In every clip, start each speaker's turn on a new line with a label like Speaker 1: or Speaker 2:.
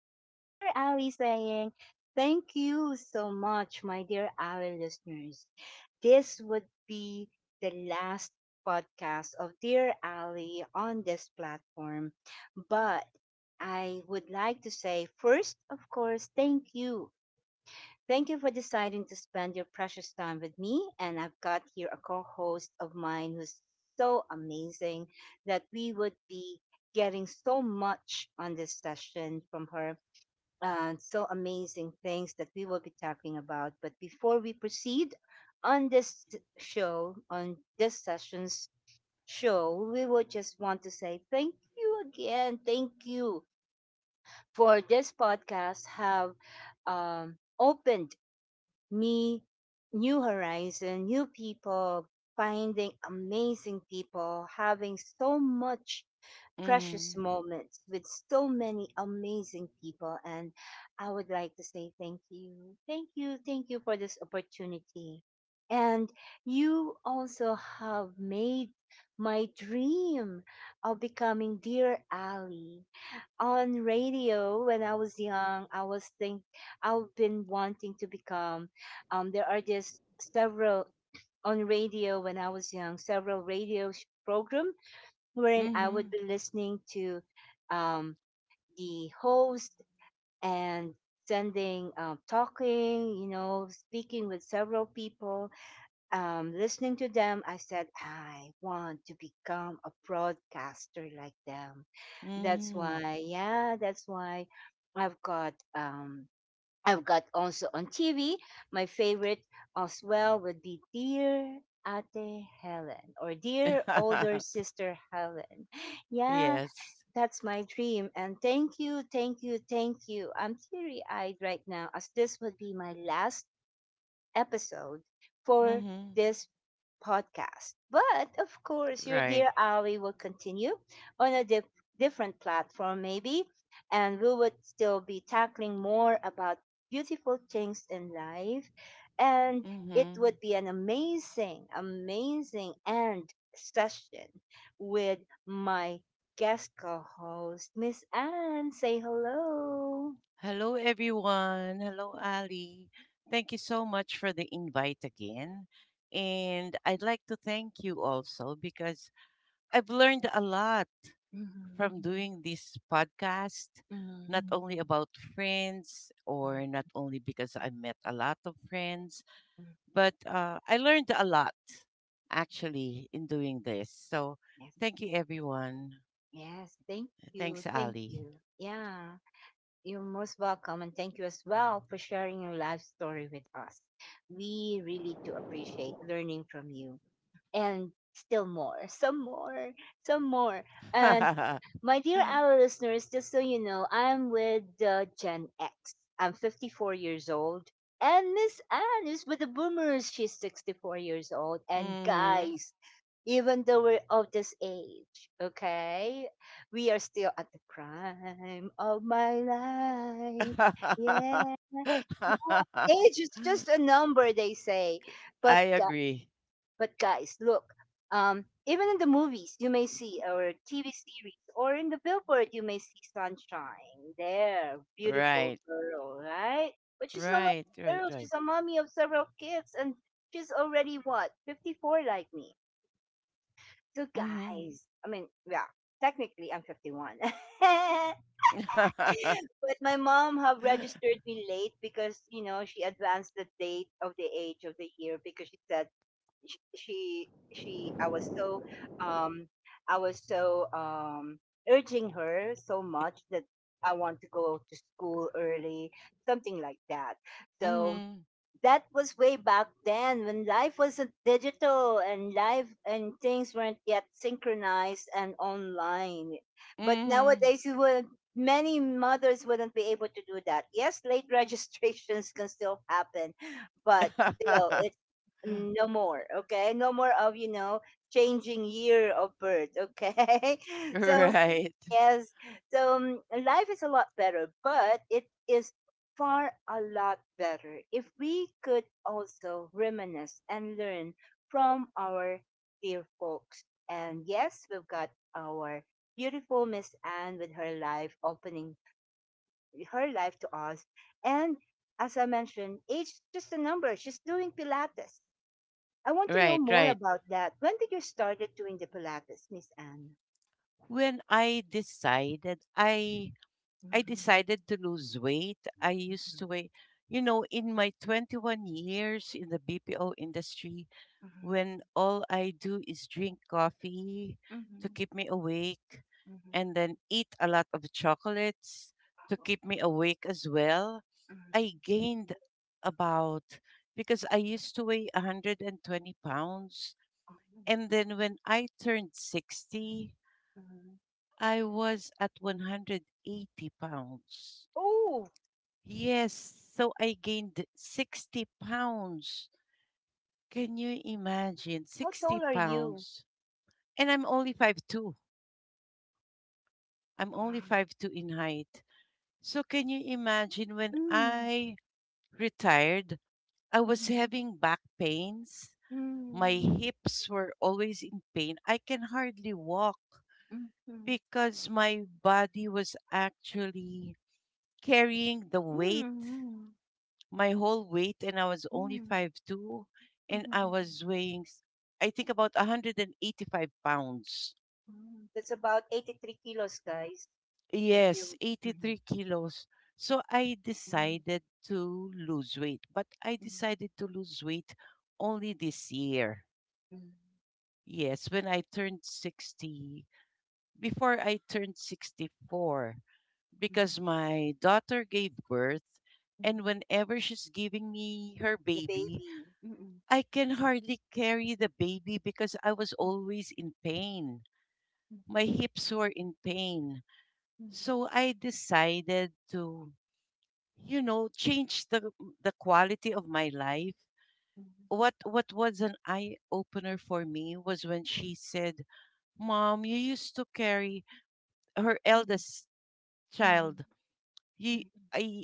Speaker 1: Ali saying, thank you so much, my dear Ali listeners. This would be the last podcast of Dear Ali on this platform, but I would like to say first, of course, thank you for deciding to spend your precious time with me. And I've got here a co host of mine who's so amazing that we would be getting so much on this session from her. And so amazing things that we will be talking about. But before we proceed on this show, on this session's show, we would just want to say thank you again. Thank you for this podcast. Have opened me new horizon new people finding amazing people having so much precious
Speaker 2: Mhm.
Speaker 1: moments with so many amazing people. And I would like to say thank you thank you for this opportunity. And you also have made my dream of becoming dear ali on radio. When I was young, I was think I've been wanting to become. There are just several on radio when I was young, several program wherein I would
Speaker 2: Mhm.
Speaker 1: be listening to um, the host and sending talking, you know, speaking with several people. Listening to them, I said, I want to become a broadcaster like them. That's
Speaker 2: Mhm.
Speaker 1: why, yeah, that's why I've got, um, I've got also on TV, my favorite as well would be Dear Ate Helen or Dear Older Sister Helen. Yeah,
Speaker 2: Yes.
Speaker 1: that's my dream. And thank you, thank you, thank you. I'm teary eyed right now as this would be my last episode for
Speaker 2: Mhm.
Speaker 1: this podcast. But of course, your
Speaker 2: Right.
Speaker 1: dear Ali will continue on a different platform, maybe, and we would still be tackling more about beautiful things in life. And it
Speaker 2: Mhm.
Speaker 1: would be an amazing, amazing end session with my guest co host, Miss Anne. Say hello.
Speaker 2: Hello everyone. Hello, Ali. Thank you so much for the invite again. And I'd like to thank you also because I've learned a lot
Speaker 1: Mhm,
Speaker 2: from doing this podcast, not
Speaker 1: mhm,
Speaker 2: Only about friends,
Speaker 1: mhm,
Speaker 2: or not only because I met a lot of friends,
Speaker 1: mhm.
Speaker 2: but I learned a lot actually in doing this. So
Speaker 1: Yes.
Speaker 2: thank you, everyone.
Speaker 1: Yes, thank you.
Speaker 2: Thanks,
Speaker 1: Thank
Speaker 2: Ali.
Speaker 1: you. Yeah, you're most welcome. And thank you as well for sharing your life story with us. We really do appreciate learning from you and still more, some more. And my dear our listeners, just so you know, I'm with the Gen X. I'm 54 years old. And Miss Anne is with the boomers. She's 64 years old. And
Speaker 2: hmm
Speaker 1: guys, even though we're of this age, okay, we are still at the prime of my life. Yeah. Age is just a number, they say. But
Speaker 2: I agree.
Speaker 1: but guys, look, even in the movies you may see, or TV series, or in the billboard you may see sunshine. There, beautiful
Speaker 2: Right,
Speaker 1: girl, right? But she's not only
Speaker 2: right,
Speaker 1: a
Speaker 2: right,
Speaker 1: girl.
Speaker 2: right.
Speaker 1: She's a mommy of several kids, and she's already what 54, like me. So
Speaker 2: Mm-hmm.
Speaker 1: guys, I mean, yeah, technically I'm 51, but my mom have registered me late because you know she advanced the date of the age of the year because she said sh- she she I was so um I was so um urging her so much that I want to go to school early, something like that. So
Speaker 2: mm-hmm.
Speaker 1: that was way back then when life wasn't digital and life and things weren't yet synchronized and online. But
Speaker 2: Mm-hmm.
Speaker 1: nowadays, many mothers wouldn't be able to do that. Yes, late registrations can still happen, but still, it's no more. Okay, no more of you know changing year of birth. Okay, so
Speaker 2: right,
Speaker 1: yes. So life is a lot better, but it is far a lot better if we could also reminisce and learn from our dear folks. And yes, we've got our beautiful Miss Anne with her life opening her life to us. And as I mentioned, age is just a number. She's doing Pilates. I want to know
Speaker 2: right,
Speaker 1: more
Speaker 2: right.
Speaker 1: about that. When did you started doing the Pilates, Miss Anne?
Speaker 2: When I decided, I
Speaker 1: Mhm,
Speaker 2: decided to lose weight. I used
Speaker 1: mhm,
Speaker 2: to weigh, in my 21 years in the BPO industry,
Speaker 1: mhm,
Speaker 2: when all I do is drink coffee to
Speaker 1: mhm.
Speaker 2: keep me awake,
Speaker 1: Mhm.
Speaker 2: and then eat a lot of chocolates to
Speaker 1: Oh.
Speaker 2: keep me awake as well,
Speaker 1: Mhm.
Speaker 2: I gained about, because I used to weigh 120 pounds.
Speaker 1: Mhm.
Speaker 2: And then when I turned 60,
Speaker 1: Mhm.
Speaker 2: I was at 180 pounds.
Speaker 1: Oh,
Speaker 2: Yes, so I gained 60 pounds. Can you imagine?
Speaker 1: how
Speaker 2: 60
Speaker 1: tall are you?
Speaker 2: pounds. And I'm only 5'2". I'm only 5'2" in height. So can you imagine, when
Speaker 1: Mm.
Speaker 2: I retired, I was
Speaker 1: Mhm.
Speaker 2: having back pains. My
Speaker 1: Mm.
Speaker 2: hips were always in pain. I can hardly walk
Speaker 1: Mhm.
Speaker 2: because my body was actually carrying the weight
Speaker 1: Mm.
Speaker 2: my whole weight, and I was only
Speaker 1: Mm.
Speaker 2: 5'2", and I
Speaker 1: Mhm.
Speaker 2: was weighing I think about 185 pounds.
Speaker 1: Mm. That's about 83 kilos, guys. If
Speaker 2: Yes,
Speaker 1: you Mhm.
Speaker 2: 83 kilos. So I
Speaker 1: Mm.
Speaker 2: decided to lose weight, but I
Speaker 1: Mm.
Speaker 2: decided to lose weight only this year.
Speaker 1: Mm.
Speaker 2: Yes, when I turned 60, before I turned 64, because
Speaker 1: Mhm.
Speaker 2: my daughter gave birth, and
Speaker 1: Mhm.
Speaker 2: whenever she's giving me her
Speaker 1: the
Speaker 2: baby,
Speaker 1: baby. Mm-mm.
Speaker 2: I can hardly carry the baby because I was
Speaker 1: Mm-mm.
Speaker 2: always in pain. My hips were in pain.
Speaker 1: Mm-mm.
Speaker 2: So I decided to, change the quality of my life.
Speaker 1: Mm-mm.
Speaker 2: What was an eye opener for me was when she said, "Mom, you used to carry her
Speaker 1: Mm-mm.
Speaker 2: eldest
Speaker 1: Mm-mm.
Speaker 2: child. You I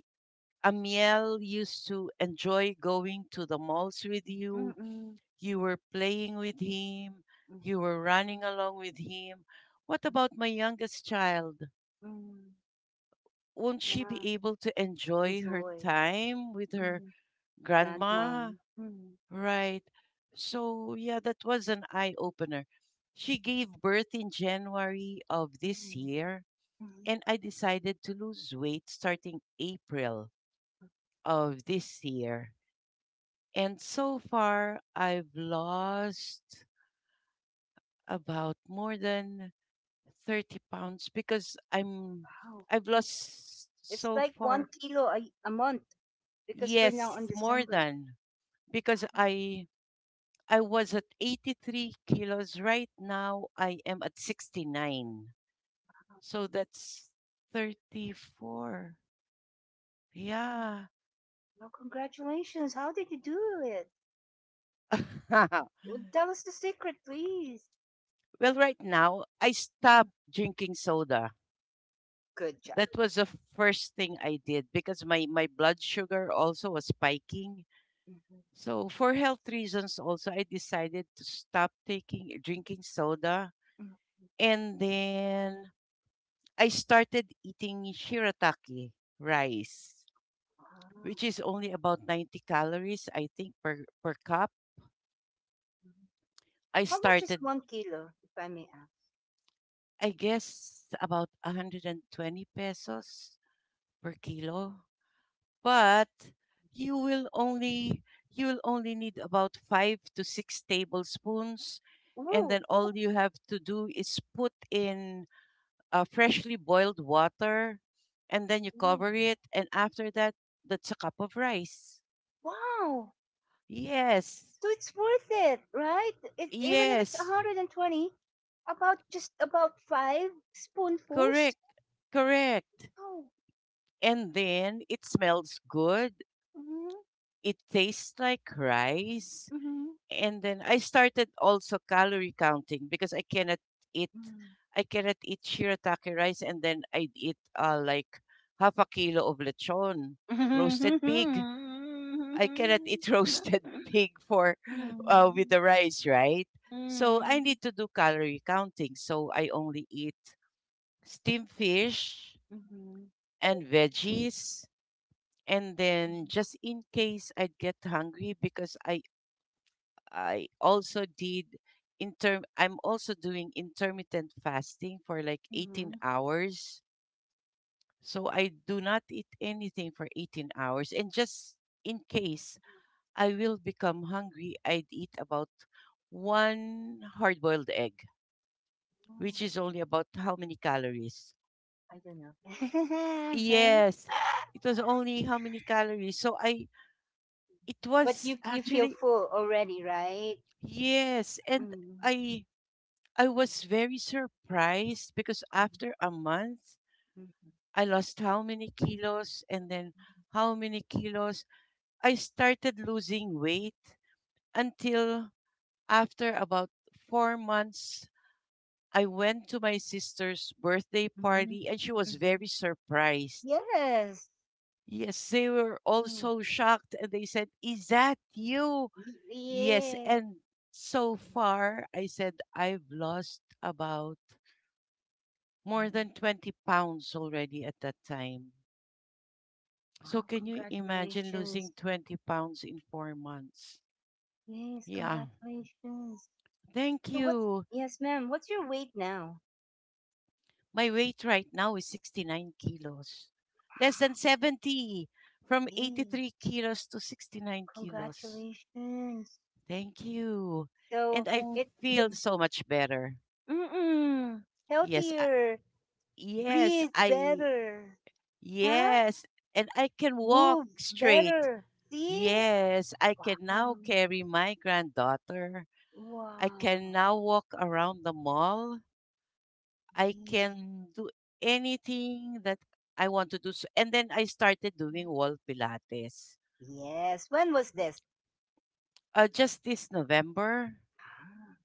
Speaker 2: Amiel used to enjoy going to the malls with you. You were playing with him. You were running along with him. What about my youngest child? Won't she
Speaker 1: Yeah,
Speaker 2: be able to enjoy her
Speaker 1: enjoy.
Speaker 2: time with her
Speaker 1: Grandma.
Speaker 2: grandma?"
Speaker 1: Mhm,
Speaker 2: Right. So, yeah, that was an eye opener. She gave birth in January of this
Speaker 1: mhm,
Speaker 2: year,
Speaker 1: mhm.
Speaker 2: and I decided to lose weight starting April of this year. And so far, I've lost about more than 30 pounds because I'm
Speaker 1: Wow.
Speaker 2: I've lost
Speaker 1: It's
Speaker 2: so
Speaker 1: like one
Speaker 2: far.
Speaker 1: kilo a, a month because we're now
Speaker 2: Yes,
Speaker 1: in
Speaker 2: more
Speaker 1: December.
Speaker 2: than, because
Speaker 1: Oh,
Speaker 2: I was at 83 kilos. Right now I am at 69.
Speaker 1: oh,
Speaker 2: So that's 34.
Speaker 1: oh.
Speaker 2: Yeah.
Speaker 1: Well, congratulations. How did you do it?
Speaker 2: Well,
Speaker 1: Well, tell us the secret, please.
Speaker 2: right now I
Speaker 1: Mhm.
Speaker 2: stopped drinking soda.
Speaker 1: Good job.
Speaker 2: That was the first thing I did because my blood sugar also was spiking.
Speaker 1: Mhm,
Speaker 2: So for health reasons also, I decided to stop taking drinking soda,
Speaker 1: mhm.
Speaker 2: and then I started eating shirataki rice,
Speaker 1: Wow.
Speaker 2: which is only about 90 calories, I think, per cup.
Speaker 1: Mhm.
Speaker 2: I
Speaker 1: How much is
Speaker 2: started
Speaker 1: one kilo, if I may ask?
Speaker 2: I guess about 120 pesos per kilo, but you will only you will only need about 5 to 6 tablespoons, and then
Speaker 1: Oh,
Speaker 2: all you have to do is put in freshly boiled water, and then you
Speaker 1: mhm.
Speaker 2: cover it, and after that, that's a cup of rice.
Speaker 1: Wow.
Speaker 2: Yes,
Speaker 1: So it's worth it, right? Even if it's
Speaker 2: yes,
Speaker 1: 120, about just about five spoonfuls.
Speaker 2: correct, correct.
Speaker 1: Oh,
Speaker 2: And then it smells good.
Speaker 1: Mhm,
Speaker 2: It tastes like rice.
Speaker 1: mhm,
Speaker 2: And then I started also calorie counting because eat,
Speaker 1: mhm.
Speaker 2: I cannot eat shirataki rice, and then I'd eat like half a kilo of lechon,
Speaker 1: Mhm,
Speaker 2: roasted
Speaker 1: mhm,
Speaker 2: pig. I cannot
Speaker 1: mhm,
Speaker 2: eat roasted pig for with the rice, right? So I need to do calorie counting. So I only eat steamed fish
Speaker 1: mhm, mhm.
Speaker 2: and veggies, and then just in case I get hungry, because I also did I'm also doing intermittent fasting for like 18 hours. So I do not eat anything for 18 hours, and just in case I will become hungry, I'd eat about one hard boiled egg,
Speaker 1: Oh,
Speaker 2: which is only about how many calories?
Speaker 1: I don't know.
Speaker 2: Yes, it was only how many calories. So I, it
Speaker 1: But
Speaker 2: was
Speaker 1: you feel
Speaker 2: actually,
Speaker 1: full already, right?
Speaker 2: yes. And
Speaker 1: Mm,
Speaker 2: I, I was very surprised because after a month,
Speaker 1: mhm,
Speaker 2: I lost how many kilos, and then how many kilos. I started losing weight until after about 4 months I went to my sister's birthday
Speaker 1: mhm,
Speaker 2: party, and she was
Speaker 1: mhm.
Speaker 2: very surprised.
Speaker 1: Yes.
Speaker 2: Yes, they were all
Speaker 1: Mm,
Speaker 2: so shocked, and they said, "Is that you?" Yes.
Speaker 1: Yeah.
Speaker 2: And so far, I said, I've lost about
Speaker 1: Yeah.
Speaker 2: more than 20 pounds already at that time. So
Speaker 1: Wow.
Speaker 2: can you imagine
Speaker 1: Congratulations.
Speaker 2: losing 20 pounds in 4 months?
Speaker 1: Yes.
Speaker 2: Yeah.
Speaker 1: Congratulations.
Speaker 2: Thank
Speaker 1: So what's
Speaker 2: you.
Speaker 1: yes, ma'am? What's your weight now?
Speaker 2: My weight right now is 69 kilos. Less than 70, from
Speaker 1: Yay!
Speaker 2: 83 kilos to 69 kilos.
Speaker 1: Congratulations.
Speaker 2: Thank you.
Speaker 1: So
Speaker 2: And I, oh,
Speaker 1: it
Speaker 2: feel
Speaker 1: mm,
Speaker 2: so much better.
Speaker 1: mm-mm,
Speaker 2: Yes, I,
Speaker 1: healthier,
Speaker 2: yes,
Speaker 1: breathe
Speaker 2: I,
Speaker 1: better, huh?
Speaker 2: yes. And I can walk
Speaker 1: Move
Speaker 2: straight.
Speaker 1: better. See?
Speaker 2: Yes, I can
Speaker 1: Wow.
Speaker 2: now carry my granddaughter. I can
Speaker 1: Wow.
Speaker 2: now walk around the mall. I can do anything that I want to do. So, and then I started doing wall Pilates.
Speaker 1: Yes. When was this?
Speaker 2: Just this November.
Speaker 1: Ah,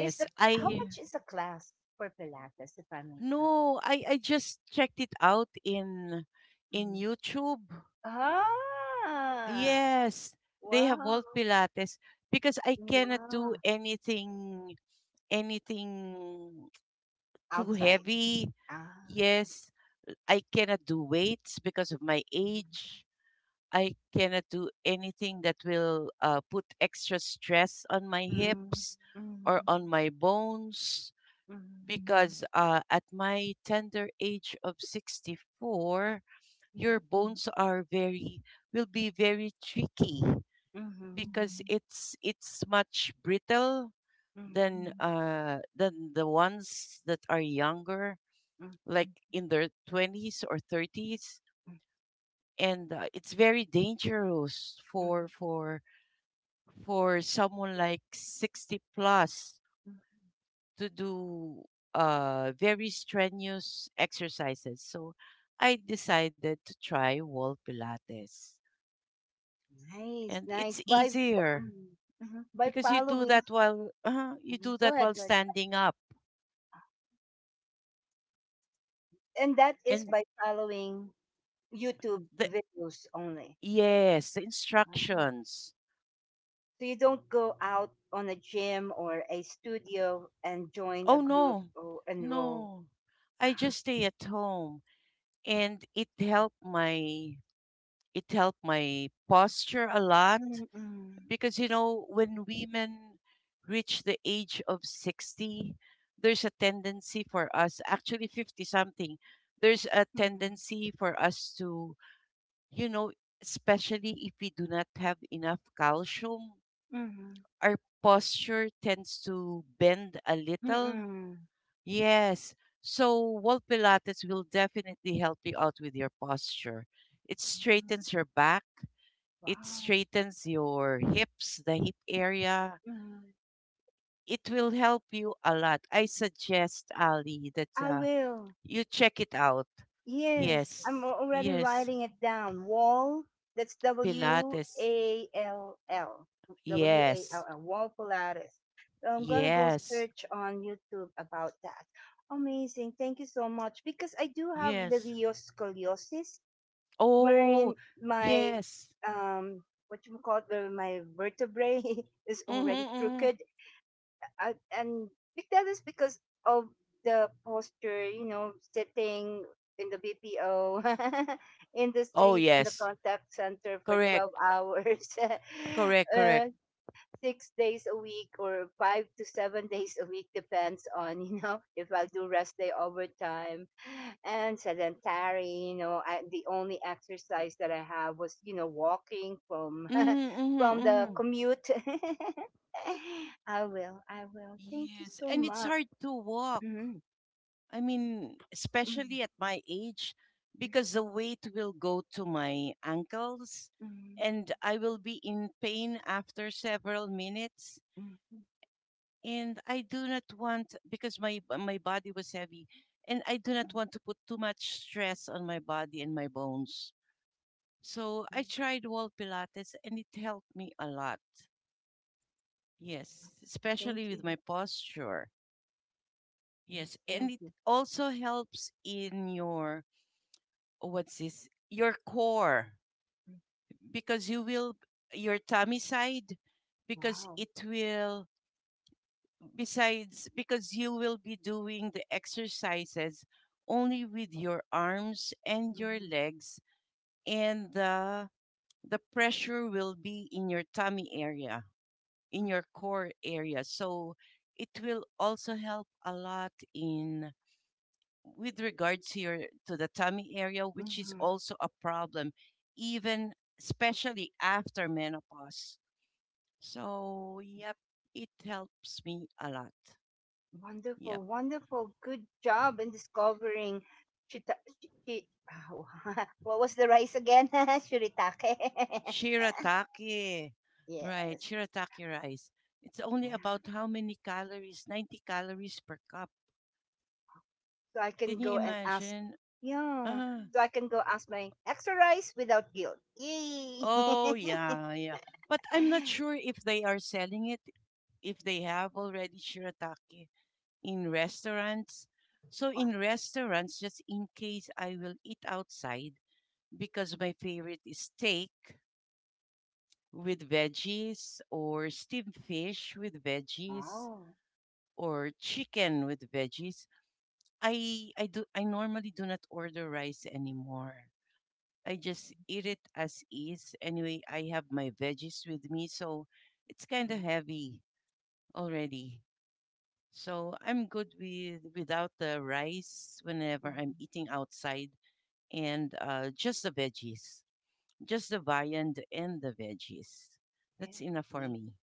Speaker 1: Is the
Speaker 2: I
Speaker 1: how much is the class for Pilates, if I may ask?
Speaker 2: no, I just checked it out in
Speaker 1: Mhm.
Speaker 2: YouTube.
Speaker 1: Ah.
Speaker 2: Yes, they have
Speaker 1: Wow.
Speaker 2: wall Pilates because I cannot do
Speaker 1: Wow.
Speaker 2: anything too
Speaker 1: Outside.
Speaker 2: heavy.
Speaker 1: Ah.
Speaker 2: Yes, I cannot do weights because of my age. I cannot do anything that will put extra stress on my
Speaker 1: Mhm,
Speaker 2: hips or
Speaker 1: mhm,
Speaker 2: on my bones,
Speaker 1: mhm,
Speaker 2: because at my tender age of 64,
Speaker 1: mhm,
Speaker 2: your bones are very will be very tricky
Speaker 1: mhm,
Speaker 2: because it's much brittle
Speaker 1: mhm,
Speaker 2: than than the ones that are younger,
Speaker 1: mhm,
Speaker 2: like in their 20s or 30s,
Speaker 1: mhm,
Speaker 2: and it's very dangerous for for someone like 60 plus
Speaker 1: mhm.
Speaker 2: to do very strenuous exercises. So I decided to try wall Pilates.
Speaker 1: Nice,
Speaker 2: And
Speaker 1: nice.
Speaker 2: it's
Speaker 1: By fo-
Speaker 2: easier
Speaker 1: mhm, mhm. by
Speaker 2: because
Speaker 1: following,
Speaker 2: you do
Speaker 1: mhm.
Speaker 2: that
Speaker 1: go
Speaker 2: while
Speaker 1: ahead, go ahead.
Speaker 2: standing up.
Speaker 1: And that is
Speaker 2: And
Speaker 1: by following YouTube
Speaker 2: the
Speaker 1: videos only.
Speaker 2: yes, the
Speaker 1: Ah.
Speaker 2: instructions.
Speaker 1: So you don't go out on a gym or a studio and join a
Speaker 2: Oh,
Speaker 1: group
Speaker 2: no.
Speaker 1: or enroll.
Speaker 2: No.
Speaker 1: Wow.
Speaker 2: I just stay at home, and it helped my posture a lot
Speaker 1: Mm-mm.
Speaker 2: because when women reach the age of 60, there's a tendency for us, actually 50 something, there's a
Speaker 1: Mm-mm.
Speaker 2: tendency for us to, you know especially if we do not have enough calcium,
Speaker 1: Mm-mm.
Speaker 2: our posture tends to bend a little.
Speaker 1: Mm-mm.
Speaker 2: Yes, so wall Pilates will definitely help you out with your posture. It straightens your back. It straightens your hips, the hip area.
Speaker 1: Wow.
Speaker 2: It will help you a lot. I suggest, Ali, that
Speaker 1: I will.
Speaker 2: you check it out.
Speaker 1: Yes, I'm
Speaker 2: Yes,
Speaker 1: already
Speaker 2: yes,
Speaker 1: writing it down. Wall, that's W
Speaker 2: Pilates.
Speaker 1: A L L. W A
Speaker 2: Yes,
Speaker 1: L L, Wall Pilates. So I'm going to go
Speaker 2: yes,
Speaker 1: search on YouTube about that. Amazing. Thank you so much. Because I do have
Speaker 2: yes.
Speaker 1: sclerosis,
Speaker 2: Oh,
Speaker 1: wherein my,
Speaker 2: yes.
Speaker 1: um, what you call it, where my vertebrae is
Speaker 2: Mm-hmm,
Speaker 1: already
Speaker 2: hmm.
Speaker 1: crooked. And that is because of the posture, you know, sitting in the BPO
Speaker 2: Oh,
Speaker 1: industry in the
Speaker 2: yes.
Speaker 1: contact center for
Speaker 2: Correct,
Speaker 1: 12 hours.
Speaker 2: correct, correct.
Speaker 1: uh, 6 days a week or 5 to 7 days a week depends on you know if I'll do rest day overtime and sedentary you know the only exercise that I have was you know walking from from
Speaker 2: Mm-hmm,
Speaker 1: the
Speaker 2: hmm.
Speaker 1: commute. I will Thank you
Speaker 2: Yes,
Speaker 1: so
Speaker 2: and it's
Speaker 1: much.
Speaker 2: hard to walk.
Speaker 1: Mhm,
Speaker 2: I mean,
Speaker 1: mhm,
Speaker 2: especially at my age, because the weight will go to my ankles,
Speaker 1: mhm,
Speaker 2: and I will be in pain after several minutes.
Speaker 1: mhm, mhm,
Speaker 2: And I do not want, because my body was heavy, and I do not
Speaker 1: mhm,
Speaker 2: want to put too much stress on my body and my bones. So
Speaker 1: mhm.
Speaker 2: I tried wall Pilates, and it helped me a lot. Yes,
Speaker 1: thank
Speaker 2: especially with
Speaker 1: you
Speaker 2: my posture.
Speaker 1: yes
Speaker 2: Yes,
Speaker 1: Thank
Speaker 2: and it
Speaker 1: you.
Speaker 2: also helps in your, what's this, your core
Speaker 1: Mm,
Speaker 2: because you will, your tummy side, because
Speaker 1: wow.
Speaker 2: it will, besides, because you will be doing the exercises only with your arms and your
Speaker 1: Mhm,
Speaker 2: legs, and the pressure will be in your tummy area, in
Speaker 1: mhm,
Speaker 2: your core area, so it will also help a lot in, with regards here, to the tummy area, which is
Speaker 1: mhm.
Speaker 2: also a problem, even especially after menopause. So, yep, it helps me a lot. Yep.
Speaker 1: Wonderful, wonderful. Good job in discovering Shita shi- shi- what was the rice again? Shiritake.
Speaker 2: Shirataki. Right,
Speaker 1: Yes.
Speaker 2: shirataki rice. It's only
Speaker 1: Yeah.
Speaker 2: about how many calories? 90 calories per cup.
Speaker 1: So I
Speaker 2: Can
Speaker 1: can
Speaker 2: you
Speaker 1: go and ask.
Speaker 2: imagine?
Speaker 1: Yeah.
Speaker 2: Ah,
Speaker 1: So I can go ask my extra rice without guilt. Yay!
Speaker 2: oh, yeah, yeah. But I'm not sure if they are selling it, if they have already shirataki in restaurants. So
Speaker 1: Oh.
Speaker 2: in restaurants, just in case I will eat outside, because my favorite is steak with veggies, or steamed fish with veggies,
Speaker 1: Oh.
Speaker 2: or chicken with veggies. I normally do not order rice anymore. I just eat it as is. Anyway, I have my veggies with me, so it's kind of heavy already. So I'm good without the rice whenever I'm
Speaker 1: Mhm.
Speaker 2: eating outside, and just the veggies, just the viand and the veggies. That's enough for
Speaker 1: Yeah.
Speaker 2: me.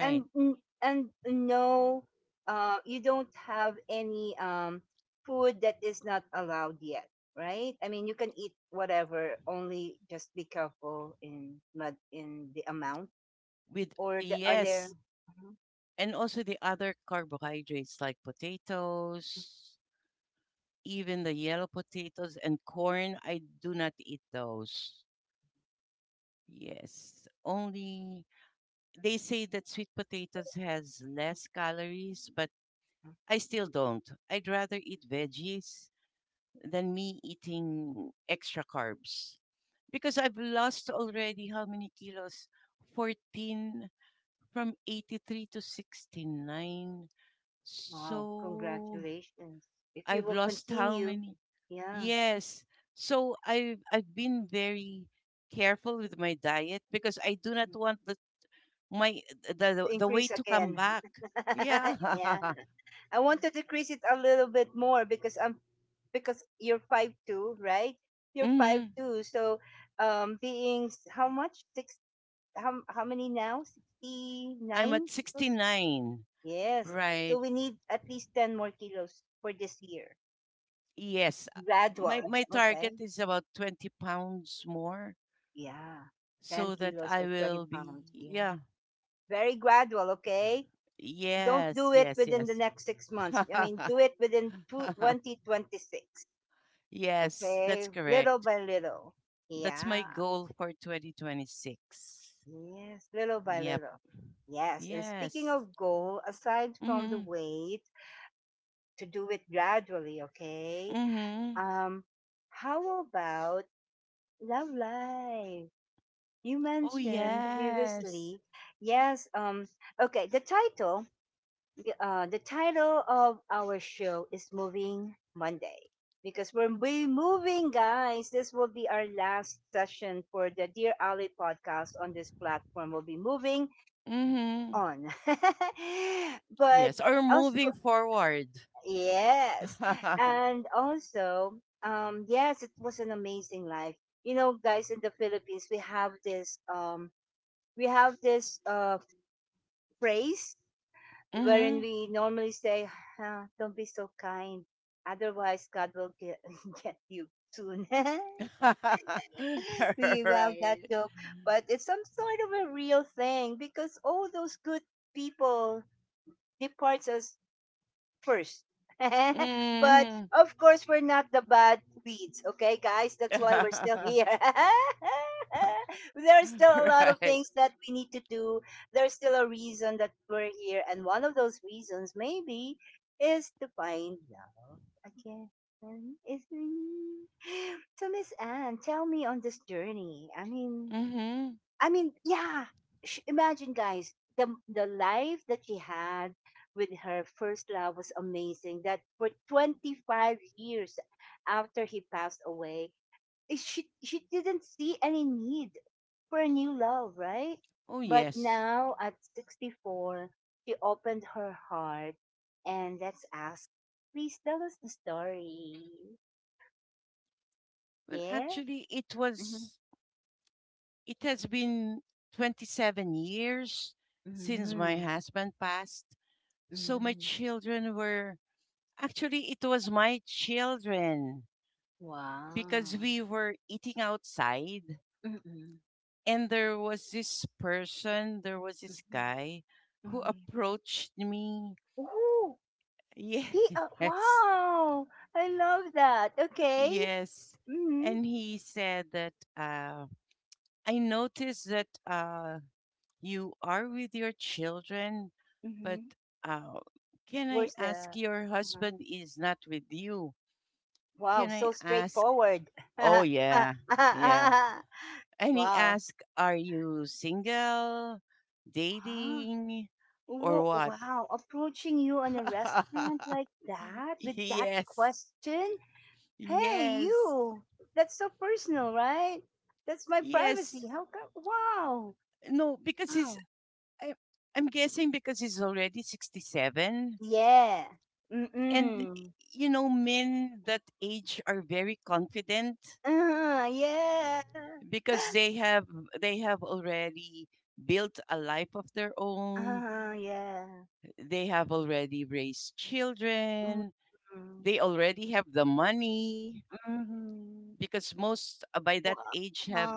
Speaker 1: And no you don't have any food that is not allowed yet, right? I mean you can eat whatever, only just be careful in not in the amount.
Speaker 2: With
Speaker 1: Or the, are there
Speaker 2: yes,
Speaker 1: Mhm,
Speaker 2: and also the other carbohydrates, like potatoes, even the yellow potatoes and corn, I do not eat those. Yes, only they say that sweet potatoes has less calories, but
Speaker 1: mhm.
Speaker 2: I still don't. I'd rather eat veggies than me eating extra carbs because I've lost already how many kilos? 14, from 83 to 69.
Speaker 1: Wow,
Speaker 2: So
Speaker 1: congratulations if you
Speaker 2: I've
Speaker 1: will
Speaker 2: lost how
Speaker 1: continue.
Speaker 2: many?
Speaker 1: Yeah,
Speaker 2: Yes. So I've been very careful with my diet because I do not want the my
Speaker 1: to increase
Speaker 2: weight to come
Speaker 1: again.
Speaker 2: back. Yeah.
Speaker 1: Yeah, I want to decrease it a little bit more because I'm because you're 5'2", right? You're five
Speaker 2: hmm
Speaker 1: two, so how much six? How many now? Sixty
Speaker 2: I'm at
Speaker 1: nine kilos.
Speaker 2: 69.
Speaker 1: Yes.
Speaker 2: Right.
Speaker 1: So we need at least ten more kilos for this year.
Speaker 2: Yes. uh, My
Speaker 1: Gradual.
Speaker 2: my target
Speaker 1: Okay.
Speaker 2: is about 20 pounds more
Speaker 1: Yeah. Ten
Speaker 2: so that
Speaker 1: kilos
Speaker 2: I
Speaker 1: or twenty
Speaker 2: will be,
Speaker 1: pounds. Yeah.
Speaker 2: yeah.
Speaker 1: Very gradual. Okay. Don't
Speaker 2: Yes,
Speaker 1: do it
Speaker 2: yes,
Speaker 1: within the
Speaker 2: yes.
Speaker 1: next 6 months. I mean, do it within two 2026.
Speaker 2: Yes, that's
Speaker 1: Okay, little
Speaker 2: correct.
Speaker 1: by little.
Speaker 2: That's my
Speaker 1: Yeah,
Speaker 2: goal for 2026.
Speaker 1: yes, little by
Speaker 2: Yep.
Speaker 1: little. Yes, and speaking
Speaker 2: Yes.
Speaker 1: of goal, aside from the
Speaker 2: Mhm.
Speaker 1: weight, to do it gradually, okay?
Speaker 2: Mhm.
Speaker 1: Um, how about love life? You
Speaker 2: Oh,
Speaker 1: mentioned
Speaker 2: yes.
Speaker 1: previously. Yes, okay, the title of our show is Moving Monday because we're we moving, guys. This will be our last session for the Dear Ali podcast on this platform. We'll be moving
Speaker 2: Mhm.
Speaker 1: on, but
Speaker 2: Yes, or
Speaker 1: also
Speaker 2: moving forward.
Speaker 1: yes, and also yes, it was an amazing life. You know, guys, in the Philippines, we have this phrase wherein
Speaker 2: mhm.
Speaker 1: we normally say, "Don't be so kind, otherwise God will get get you soon." We love that
Speaker 2: right.
Speaker 1: joke, but it's some sort of a real thing because all those good people departs us first. But
Speaker 2: hmm
Speaker 1: of course, we're not the bad weeds, okay, guys? That's why we're still here. There's still a lot of
Speaker 2: right.
Speaker 1: things that we need to do. There's still a reason that we're here. And one of those reasons, maybe, is to find love again. Is me. So, Miss Anne, tell me on this journey.
Speaker 2: Mm. hmm.
Speaker 1: Yeah. Sh Imagine, guys, the life that she had with her first love was amazing. That for 25 years after he passed away, eh, she didn't see any need for a new love, right?
Speaker 2: Oh,
Speaker 1: But
Speaker 2: yes.
Speaker 1: now at 64, she opened her heart, and let's ask. Please tell us the story.
Speaker 2: Well,
Speaker 1: Yeah.
Speaker 2: actually, it
Speaker 1: Mm-hmm.
Speaker 2: was. It has been 27 years since my
Speaker 1: Mm-hmm.
Speaker 2: husband passed. So my
Speaker 1: Mm-hmm.
Speaker 2: children were. Actually, it was my children
Speaker 1: Wow.
Speaker 2: because we were eating outside,
Speaker 1: Mm-hmm.
Speaker 2: and there was this person. There was this
Speaker 1: Mm-hmm.
Speaker 2: guy who
Speaker 1: Mhm.
Speaker 2: approached me.
Speaker 1: Oh, he,
Speaker 2: Yes,
Speaker 1: wow! I love that. Okay.
Speaker 2: yes.
Speaker 1: Mm-hmm.
Speaker 2: And he said that I noticed that you are with your children, but
Speaker 1: Mhm.
Speaker 2: uh, can I
Speaker 1: Where's
Speaker 2: ask,
Speaker 1: the?
Speaker 2: your
Speaker 1: uh
Speaker 2: husband is not with you?
Speaker 1: Wow,
Speaker 2: Can I
Speaker 1: so
Speaker 2: ask?
Speaker 1: straightforward.
Speaker 2: Oh, yeah, yeah. And he
Speaker 1: Wow.
Speaker 2: asked, are you single,
Speaker 1: Huh?
Speaker 2: dating, or what?
Speaker 1: Wow, approaching you in a restaurant like that with that
Speaker 2: Yes,
Speaker 1: question? Hey,
Speaker 2: yes,
Speaker 1: you. That's so personal, right? That's my
Speaker 2: yes.
Speaker 1: privacy. How come? Wow.
Speaker 2: No, because
Speaker 1: Wow.
Speaker 2: I, I'm guessing because he's already 67.
Speaker 1: Yeah.
Speaker 2: And,
Speaker 1: Mm-mm.
Speaker 2: you know, men that age are very confident
Speaker 1: Uh-huh, yeah.
Speaker 2: because they have already built a life of their own,
Speaker 1: Uh-huh, yeah.
Speaker 2: they have already raised children,
Speaker 1: Mm-hmm.
Speaker 2: they already have the money
Speaker 1: Mm-hmm.
Speaker 2: because most, by that age
Speaker 1: Wow.
Speaker 2: have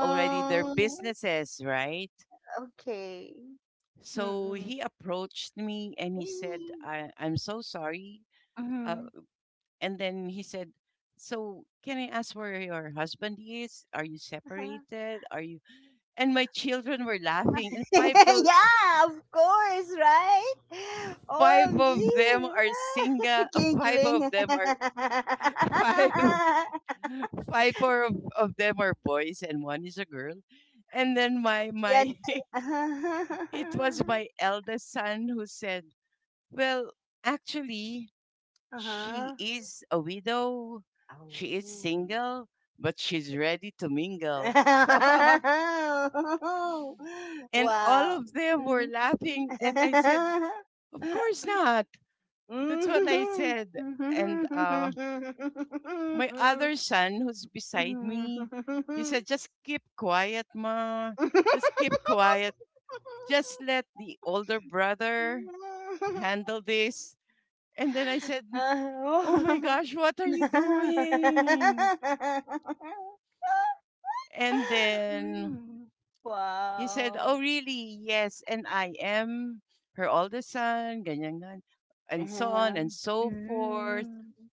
Speaker 2: already their businesses, right?
Speaker 1: Okay.
Speaker 2: So
Speaker 1: Mm-mm.
Speaker 2: he approached me and he said,
Speaker 1: Wee.
Speaker 2: I'm so sorry, uh,
Speaker 1: Mm-hmm.
Speaker 2: and then he said, so can I ask where your husband is? Are you
Speaker 1: Uh-huh.
Speaker 2: separated? Are you, and my children were laughing, and
Speaker 1: Yeah, of course, right?
Speaker 2: five of them
Speaker 1: OMG.
Speaker 2: are single, five of
Speaker 1: Giggling.
Speaker 2: them are, five, of them are boys and one is a girl. And then my
Speaker 1: Yet.
Speaker 2: my it was my eldest son who said, well, actually, she
Speaker 1: Uh-huh.
Speaker 2: is a widow. She
Speaker 1: Oh.
Speaker 2: is single, but she's ready to mingle. And all
Speaker 1: Wow.
Speaker 2: of them were
Speaker 1: Mhm.
Speaker 2: laughing. And I said, of course not. That's what I
Speaker 1: Mhm.
Speaker 2: said. And my other son, who's beside me, he said, just keep quiet, Ma. Just keep quiet. Just let the older brother handle this. And then I said, oh my
Speaker 1: Oh.
Speaker 2: gosh, what are you doing? And then
Speaker 1: Mm.
Speaker 2: he said,
Speaker 1: Wow.
Speaker 2: "Oh, really? Yes, and I am her oldest son, ganyan, ganyan, and so on and
Speaker 1: Um,
Speaker 2: so forth."
Speaker 1: mm,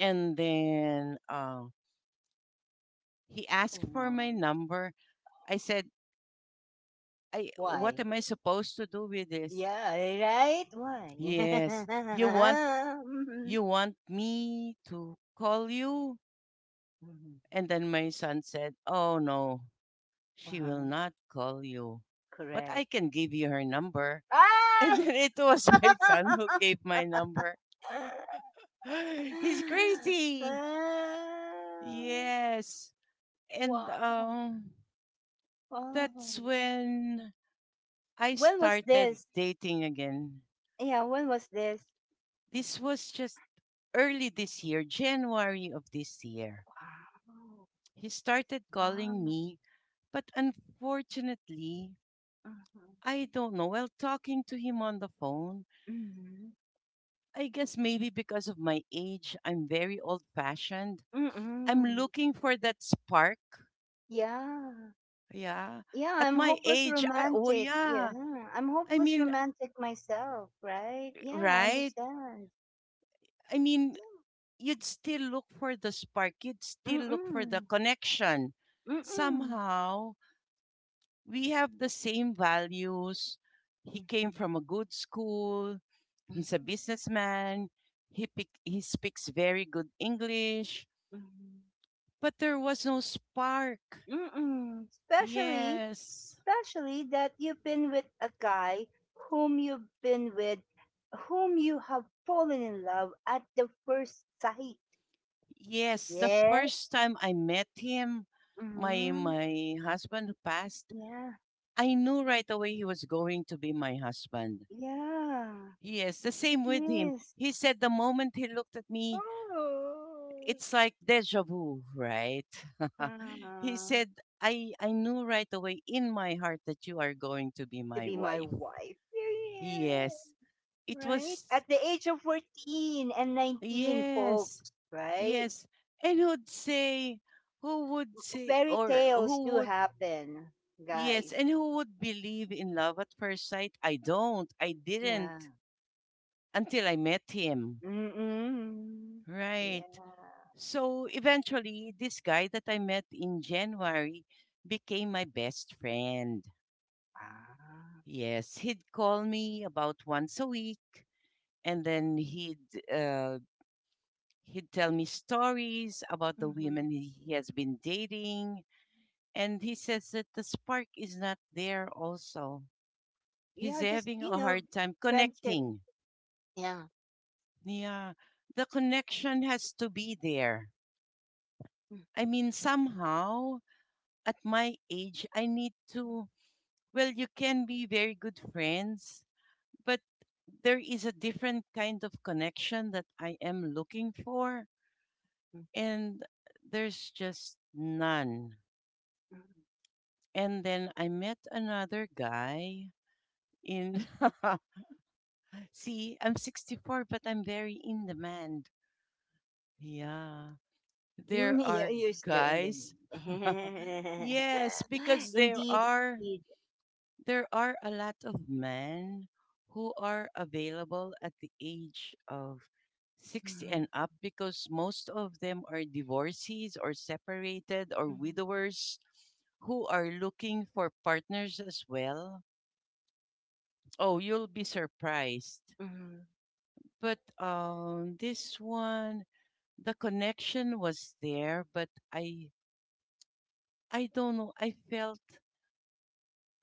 Speaker 2: And then he asked for
Speaker 1: oh,
Speaker 2: my number. I said, "I, what
Speaker 1: why?
Speaker 2: am I supposed to do with this?
Speaker 1: Yeah, right? Why?
Speaker 2: Yes, you want,
Speaker 1: Mhm.
Speaker 2: you want me to call you?"
Speaker 1: Mhm.
Speaker 2: And then my son said, "Oh no, she will
Speaker 1: Uh-huh.
Speaker 2: not call you, but I
Speaker 1: Correct.
Speaker 2: can give you her number." And
Speaker 1: Ah!
Speaker 2: then it was my son who gave my number. He's crazy.
Speaker 1: Ah!
Speaker 2: Yes. And
Speaker 1: Wow.
Speaker 2: um
Speaker 1: Oh.
Speaker 2: that's when I
Speaker 1: When was
Speaker 2: started
Speaker 1: this?
Speaker 2: dating again.
Speaker 1: Yeah, when was this?
Speaker 2: This was just early this year, January of this year.
Speaker 1: Wow.
Speaker 2: He started calling
Speaker 1: Wow.
Speaker 2: me, but unfortunately, I don't know. While talking to him on the phone,
Speaker 1: Mm-hmm.
Speaker 2: I guess maybe because of my age, I'm very old fashioned. I'm
Speaker 1: Mm-hmm.
Speaker 2: looking for that spark.
Speaker 1: Yeah.
Speaker 2: Yeah.
Speaker 1: Yeah,
Speaker 2: At
Speaker 1: I'm
Speaker 2: my
Speaker 1: hopeless
Speaker 2: age, I, oh
Speaker 1: romantic.
Speaker 2: yeah,
Speaker 1: Yeah, I'm
Speaker 2: I
Speaker 1: hopeless
Speaker 2: mean,
Speaker 1: romantic myself, right? Yeah, I
Speaker 2: right?
Speaker 1: understand.
Speaker 2: I mean,
Speaker 1: Yeah.
Speaker 2: you'd still look for the spark, you'd still
Speaker 1: Mm,
Speaker 2: look for the
Speaker 1: mm.
Speaker 2: connection.
Speaker 1: Mhm,
Speaker 2: Somehow, we have the same values. He came
Speaker 1: mhm,
Speaker 2: from a good school, he's a businessman, he speaks very good English,
Speaker 1: mhm,
Speaker 2: but there was no spark.
Speaker 1: mm. Especially,
Speaker 2: Yes.
Speaker 1: especially that you've been with a guy, whom you've been with, whom you have fallen in love at the first sight.
Speaker 2: Yes, the
Speaker 1: Yeah.
Speaker 2: first time I met him, my
Speaker 1: Mm,
Speaker 2: my husband passed,
Speaker 1: yeah.
Speaker 2: I knew right away he was going to be my husband.
Speaker 1: Yeah.
Speaker 2: Yes, the same with him.
Speaker 1: Yes.
Speaker 2: He said the moment he looked at me,
Speaker 1: Oh.
Speaker 2: it's like deja vu, right? He
Speaker 1: Ah,
Speaker 2: said, I knew right away in my heart that you are going to be
Speaker 1: to
Speaker 2: my
Speaker 1: be my
Speaker 2: wife.
Speaker 1: wife. Yeah.
Speaker 2: Yes. It
Speaker 1: Right?
Speaker 2: was,
Speaker 1: At the age of 14 and 19,
Speaker 2: yes,
Speaker 1: folks. Right?
Speaker 2: yes. And who'd say, who would say,
Speaker 1: Fairy
Speaker 2: or
Speaker 1: tales
Speaker 2: who
Speaker 1: do
Speaker 2: would,
Speaker 1: happen,
Speaker 2: yes,
Speaker 1: guys.
Speaker 2: and who would believe in love at first sight? I don't. I
Speaker 1: Yeah.
Speaker 2: didn't until I met him.
Speaker 1: Mm-mm.
Speaker 2: Right.
Speaker 1: Yeah.
Speaker 2: So eventually, this guy that I met in January became my best friend.
Speaker 1: Ah.
Speaker 2: Yes, he'd call me about once a week, and then he'd, uh, he'd tell me stories about the
Speaker 1: Hmm.
Speaker 2: women he has been dating, and he says that the spark is not there. Also,
Speaker 1: Yeah,
Speaker 2: he's
Speaker 1: just,
Speaker 2: having
Speaker 1: you
Speaker 2: a
Speaker 1: know,
Speaker 2: hard time
Speaker 1: friendship.
Speaker 2: connecting.
Speaker 1: Yeah.
Speaker 2: Yeah, the connection has to be there. I mean, somehow at my age, I need to, well, you can be very good friends, but there is a different kind of connection that I am looking for.
Speaker 1: Mhm.
Speaker 2: And there's just none. And then I met another guy in, see, I'm 64, but I'm very in demand. Yeah.
Speaker 1: Mhm.
Speaker 2: There
Speaker 1: Yeah,
Speaker 2: are
Speaker 1: you're still in the mood.
Speaker 2: guys. Yes, because there
Speaker 1: Indeed.
Speaker 2: are.
Speaker 1: Indeed.
Speaker 2: There are a lot of men who are available at the age of 60
Speaker 1: Mhm.
Speaker 2: and up because most of them are divorcees or separated or
Speaker 1: Mhm.
Speaker 2: widowers who are looking for partners as well. Oh, you'll be surprised.
Speaker 1: Mhm.
Speaker 2: But this one, the connection was there, but I don't know, I felt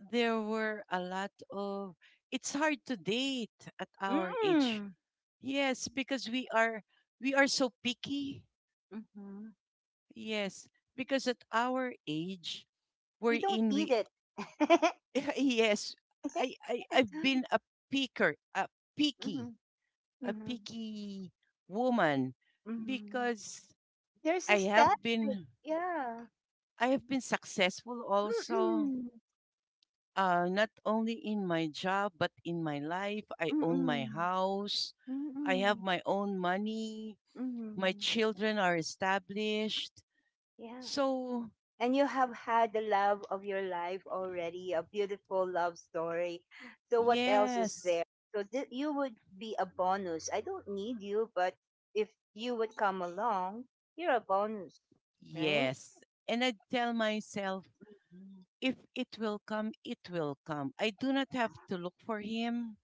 Speaker 2: there were a lot of, it's hard to date at our age.
Speaker 1: Mm,
Speaker 2: Yes, because we are, we are so picky.
Speaker 1: mhm.
Speaker 2: Yes, because at our age,
Speaker 1: We
Speaker 2: we're
Speaker 1: don't
Speaker 2: in
Speaker 1: need
Speaker 2: we
Speaker 1: it.
Speaker 2: yes, I've been a picker, picky,
Speaker 1: Mhm.
Speaker 2: a
Speaker 1: Mhm.
Speaker 2: picky woman
Speaker 1: Mhm.
Speaker 2: because
Speaker 1: There's a
Speaker 2: I have
Speaker 1: standard.
Speaker 2: been
Speaker 1: Yeah.
Speaker 2: I have been successful also.
Speaker 1: Mm-mm.
Speaker 2: Not only in my job but in my life. I own my
Speaker 1: Mm-mm.
Speaker 2: house. I have
Speaker 1: Mm-mm.
Speaker 2: my own money. My
Speaker 1: Mm-mm.
Speaker 2: children are established.
Speaker 1: Yeah.
Speaker 2: So
Speaker 1: And you have had the love of your life already, a beautiful love story. So what else is
Speaker 2: yes,
Speaker 1: there? So you would be a bonus. I don't need you, but if you would come along, you're a bonus, right?
Speaker 2: yes. And I tell myself,
Speaker 1: Mm,
Speaker 2: if it will come, it will come. I do not have to look for him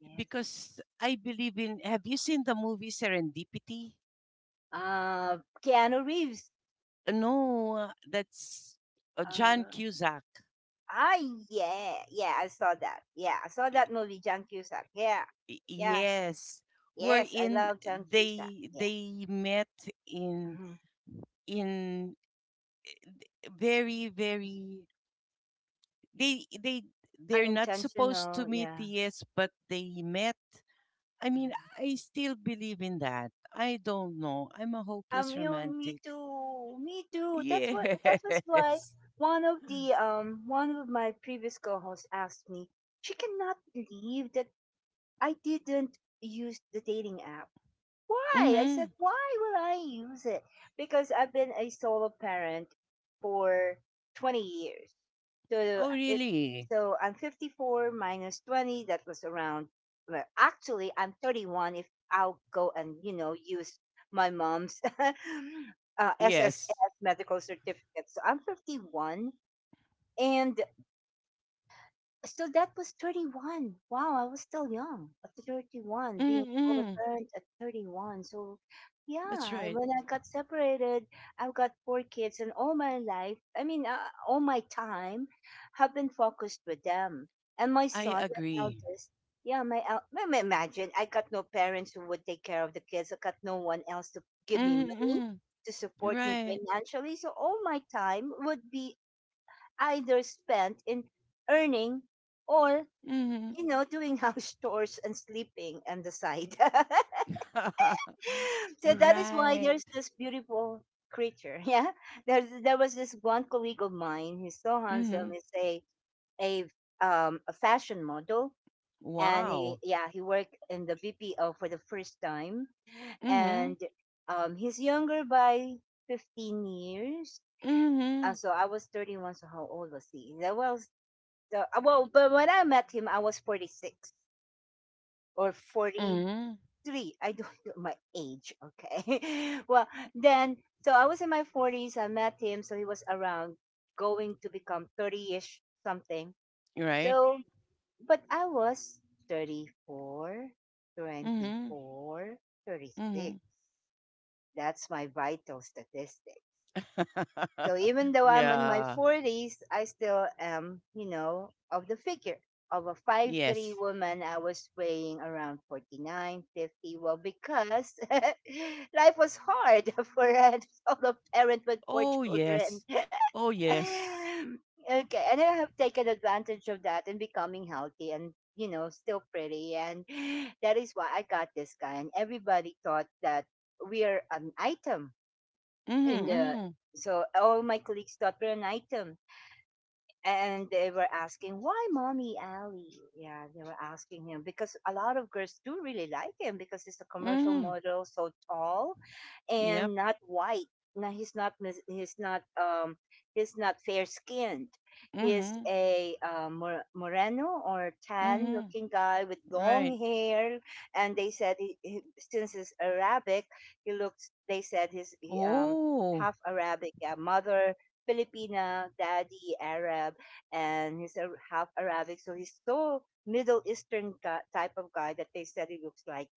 Speaker 1: yes.
Speaker 2: because I believe in. Have you seen the movie Serendipity?
Speaker 1: Uh, Keanu Reeves.
Speaker 2: No, that's John
Speaker 1: Uh,
Speaker 2: Cusack.
Speaker 1: ah, yeah, yeah. I saw that. Yeah, I saw that movie, John Cusack. Yeah, yeah.
Speaker 2: Yes,
Speaker 1: Yes, I
Speaker 2: wherein
Speaker 1: love John Cusack.
Speaker 2: they
Speaker 1: Yeah.
Speaker 2: they met in
Speaker 1: Hmm.
Speaker 2: in very very they they they're not supposed
Speaker 1: Unintentional,
Speaker 2: to meet,
Speaker 1: yeah.
Speaker 2: yes, but they met. I mean, I still believe in that. I don't know. I'm a hopeless
Speaker 1: You know, me
Speaker 2: romantic.
Speaker 1: too, me too. That was why
Speaker 2: Yes.
Speaker 1: one of my previous co-hosts asked me. She cannot believe that I didn't use the dating app. Why? I
Speaker 2: Mm-hmm.
Speaker 1: said, why will I use it? Because I've been a solo parent for 20 years. So
Speaker 2: Oh,
Speaker 1: it
Speaker 2: really?
Speaker 1: so I'm 54 minus 20. That was around. Well, actually, I'm 31. If I'll go and use my mom's
Speaker 2: Yes.
Speaker 1: SSS medical certificate, so I'm 51, and so that was 31. Wow, I was still young at 31, being a solo
Speaker 2: Mm-hmm.
Speaker 1: parent at 31. So,
Speaker 2: That's
Speaker 1: yeah,
Speaker 2: right.
Speaker 1: when I got separated, I've got four kids, and all my life, I mean, all my time, have been focused with them. And my
Speaker 2: I
Speaker 1: son, my
Speaker 2: agree.
Speaker 1: eldest, yeah, my el- ma- ma- imagine I got no parents who would take care of the kids. I got no one else to give me
Speaker 2: Mm-hmm,
Speaker 1: money
Speaker 2: mm-hmm.
Speaker 1: to support me
Speaker 2: Right.
Speaker 1: financially. So all my time would be either spent in earning or
Speaker 2: Mm-hmm.
Speaker 1: doing house chores and sleeping on the side. So that is why
Speaker 2: Right.
Speaker 1: there's this beautiful creature yeah There. Was this one colleague of mine. He's so handsome.
Speaker 2: Mm-hmm.
Speaker 1: He's a a fashion model, and
Speaker 2: Wow.
Speaker 1: he worked in the BPO for the first time,
Speaker 2: Mm-hmm.
Speaker 1: and he's younger by 15 years. uh,
Speaker 2: Mm-hmm.
Speaker 1: so i was 31, so how old was he? Yeah, well, but when I met him, I was 46 or
Speaker 2: Mm-hmm.
Speaker 1: 43. I don't know my age, okay? Well, then, so I was in my 40s. I met him, so he was around going to become 30 ish something.
Speaker 2: Right.
Speaker 1: So, but I was 34,
Speaker 2: Mm-hmm.
Speaker 1: 24,
Speaker 2: Mm-hmm.
Speaker 1: 36. That's my vital statistic. So even though I'm in my
Speaker 2: Yeah.
Speaker 1: 40s, I still am, of the figure of a 5'3"
Speaker 2: Yes.
Speaker 1: woman. I was weighing around 49, 50. Well, because life was hard for a solo parent with four
Speaker 2: Oh, yes.
Speaker 1: children.
Speaker 2: Oh, yes.
Speaker 1: Okay, and I have taken advantage of that and becoming healthy and, you know, still pretty. And that is why I got this guy. And everybody thought that we are an item
Speaker 2: Mhm,
Speaker 1: in the
Speaker 2: mhm,
Speaker 1: so all my colleagues got me an item, and they were asking, why, Mommy Ali? Yeah, they were asking him, because a lot of girls do really like him because he's a commercial
Speaker 2: mhm.
Speaker 1: model, so tall
Speaker 2: Yep.
Speaker 1: and not white. Now he's not mis-, he's not fair skinned. He's
Speaker 2: Mhm,
Speaker 1: a Moreno or tan
Speaker 2: mhm.
Speaker 1: looking guy with
Speaker 2: Right.
Speaker 1: long hair, and they said he since he's Arabic, he looks. They said he's
Speaker 2: Oh.
Speaker 1: half Arabic. Yeah, mother Filipina, daddy Arab, and he's a half Arabic. So he's so Middle Eastern type of guy that they said he looks like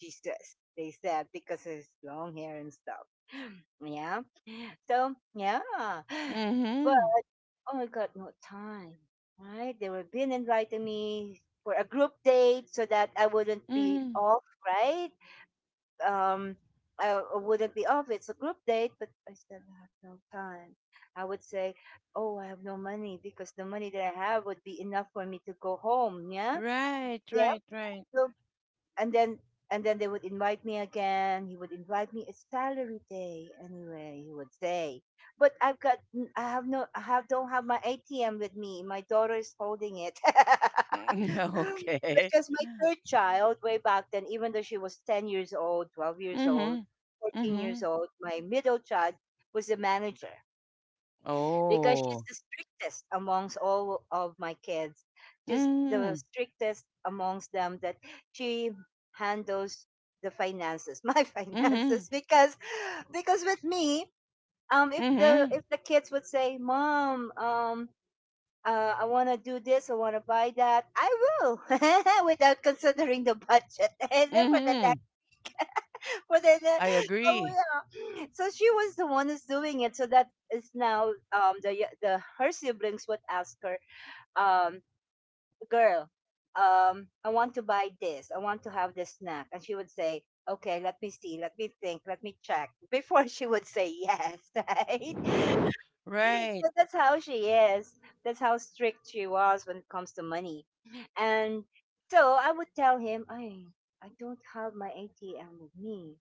Speaker 1: Jesus, they said, because of his long hair and stuff. Yeah. So, yeah. But,
Speaker 2: Mhm,
Speaker 1: oh my God, no time, right? They were being inviting me for a group date so that I wouldn't be
Speaker 2: mhm.
Speaker 1: off, right? Um, I wouldn't be off. It's a group date, but I said, I have no time. I would say, oh, I have no money because the money that I have would be enough for me to go home. Yeah.
Speaker 2: Right,
Speaker 1: Yeah.
Speaker 2: right, right.
Speaker 1: So and then and then they would invite me again. He would invite me. It's salary day anyway. He would say, but I've got I have no I have don't have my ATM with me. My daughter is holding it.
Speaker 2: Okay.
Speaker 1: Because my third child, way back then, even though she was 10 years old, 12 years old,
Speaker 2: Mhm,
Speaker 1: 14 years
Speaker 2: mhm.
Speaker 1: old, my middle child was a manager, because she's
Speaker 2: Oh.
Speaker 1: the strictest amongst all of my kids, just the
Speaker 2: Mhm,
Speaker 1: strictest amongst them, that she handles the finances, my
Speaker 2: mhm,
Speaker 1: finances, because with me, if the if
Speaker 2: mhm,
Speaker 1: the kids would say, mom, I want to do this. I want to buy that. I will, without considering the budget. And then for the
Speaker 2: mhm.
Speaker 1: but then,
Speaker 2: I
Speaker 1: oh,
Speaker 2: agree.
Speaker 1: yeah. So she was the one who's doing it. So that is now, the y- the her siblings would ask her, um, girl, I want to buy this. I want to have this snack, and she would say, okay, let me see, let me think, let me check before she would say yes, right?
Speaker 2: Right.
Speaker 1: So that's how she is. That's how strict she was when it comes to money, and so I would tell him, I don't have my ATM with me,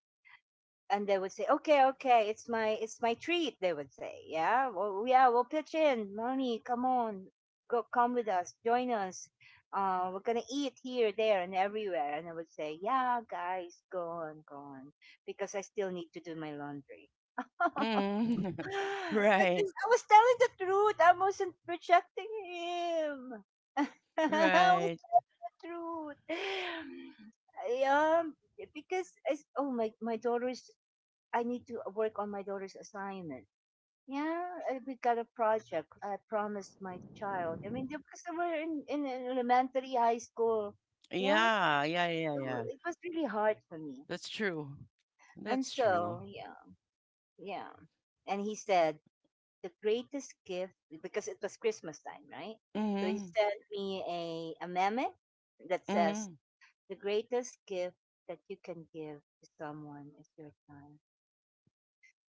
Speaker 1: and they would say, "Okay, okay, it's my treat." They would say, "Yeah, well, yeah, we'll pitch in, Moni, come on, go, come with us, join us. We're gonna eat here, there, and everywhere." And I would say, "Yeah, guys, go on, go on, because I still need to do my laundry."
Speaker 2: Mm. Right.
Speaker 1: Because I was telling the truth, I wasn't rejecting him. I was
Speaker 2: Right.
Speaker 1: the truth. Yeah, because oh my, my daughter is." I need to work on my daughter's assignment. Yeah, we got a project I promised my child. I mean, because they were in elementary, high school. Yeah,
Speaker 2: Yeah. Yeah. Yeah.
Speaker 1: so
Speaker 2: Yeah.
Speaker 1: it was really hard for me.
Speaker 2: That's true.
Speaker 1: And
Speaker 2: That's true.
Speaker 1: so, yeah, yeah. And he said, the greatest gift, because it was Christmas time, right? So he
Speaker 2: Mm-hmm.
Speaker 1: sent me a meme that says,
Speaker 2: Mm-hmm.
Speaker 1: the greatest gift that you can give to someone is your time.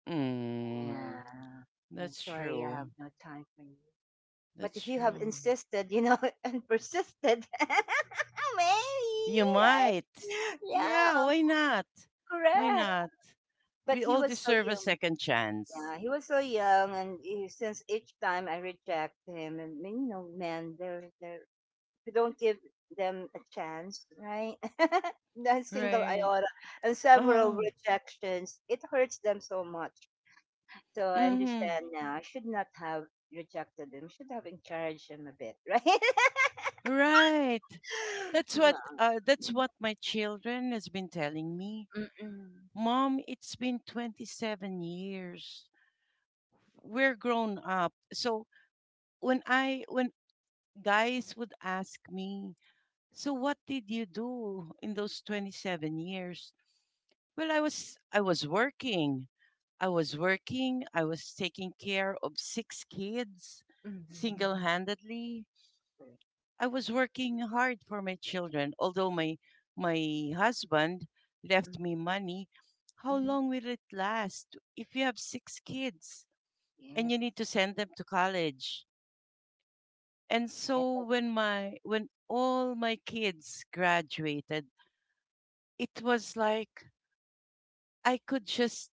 Speaker 2: Mm,
Speaker 1: Yeah. I'm
Speaker 2: that's
Speaker 1: sorry, I have
Speaker 2: true.
Speaker 1: no time for you. But
Speaker 2: That's
Speaker 1: if you have
Speaker 2: true.
Speaker 1: insisted, and persisted, maybe,
Speaker 2: You
Speaker 1: right?
Speaker 2: might. Yeah,
Speaker 1: Yeah,
Speaker 2: why not? Why
Speaker 1: correct.
Speaker 2: not?
Speaker 1: But
Speaker 2: We
Speaker 1: he
Speaker 2: all
Speaker 1: was so
Speaker 2: deserve a
Speaker 1: young.
Speaker 2: second chance.
Speaker 1: Yeah, he was so young, and he, since each time I reject him, and man, they're we don't give them a chance, right? That single
Speaker 2: Right.
Speaker 1: iota and several
Speaker 2: Oh.
Speaker 1: rejections, it hurts them so much. So I
Speaker 2: Mm-hmm.
Speaker 1: understand now. I should not have rejected him. I should have encouraged him a bit, right?
Speaker 2: Right.
Speaker 1: Ma.
Speaker 2: That's what my children has been telling me.
Speaker 1: Mm.
Speaker 2: Mom, it's been 27 years. We're grown up. So when guys would ask me, so what did you do in those 27 years? Well, I was working. I was working. I was taking care of six kids
Speaker 1: Mhm.
Speaker 2: single-handedly.
Speaker 1: Correct.
Speaker 2: I was working hard for my children. Although my husband
Speaker 1: Mhm.
Speaker 2: left me money, how
Speaker 1: Mhm.
Speaker 2: long will it last if you have six kids and
Speaker 1: Yes.
Speaker 2: you need to send them to college? And
Speaker 1: Yeah.
Speaker 2: so when all my kids graduated, it was like I could just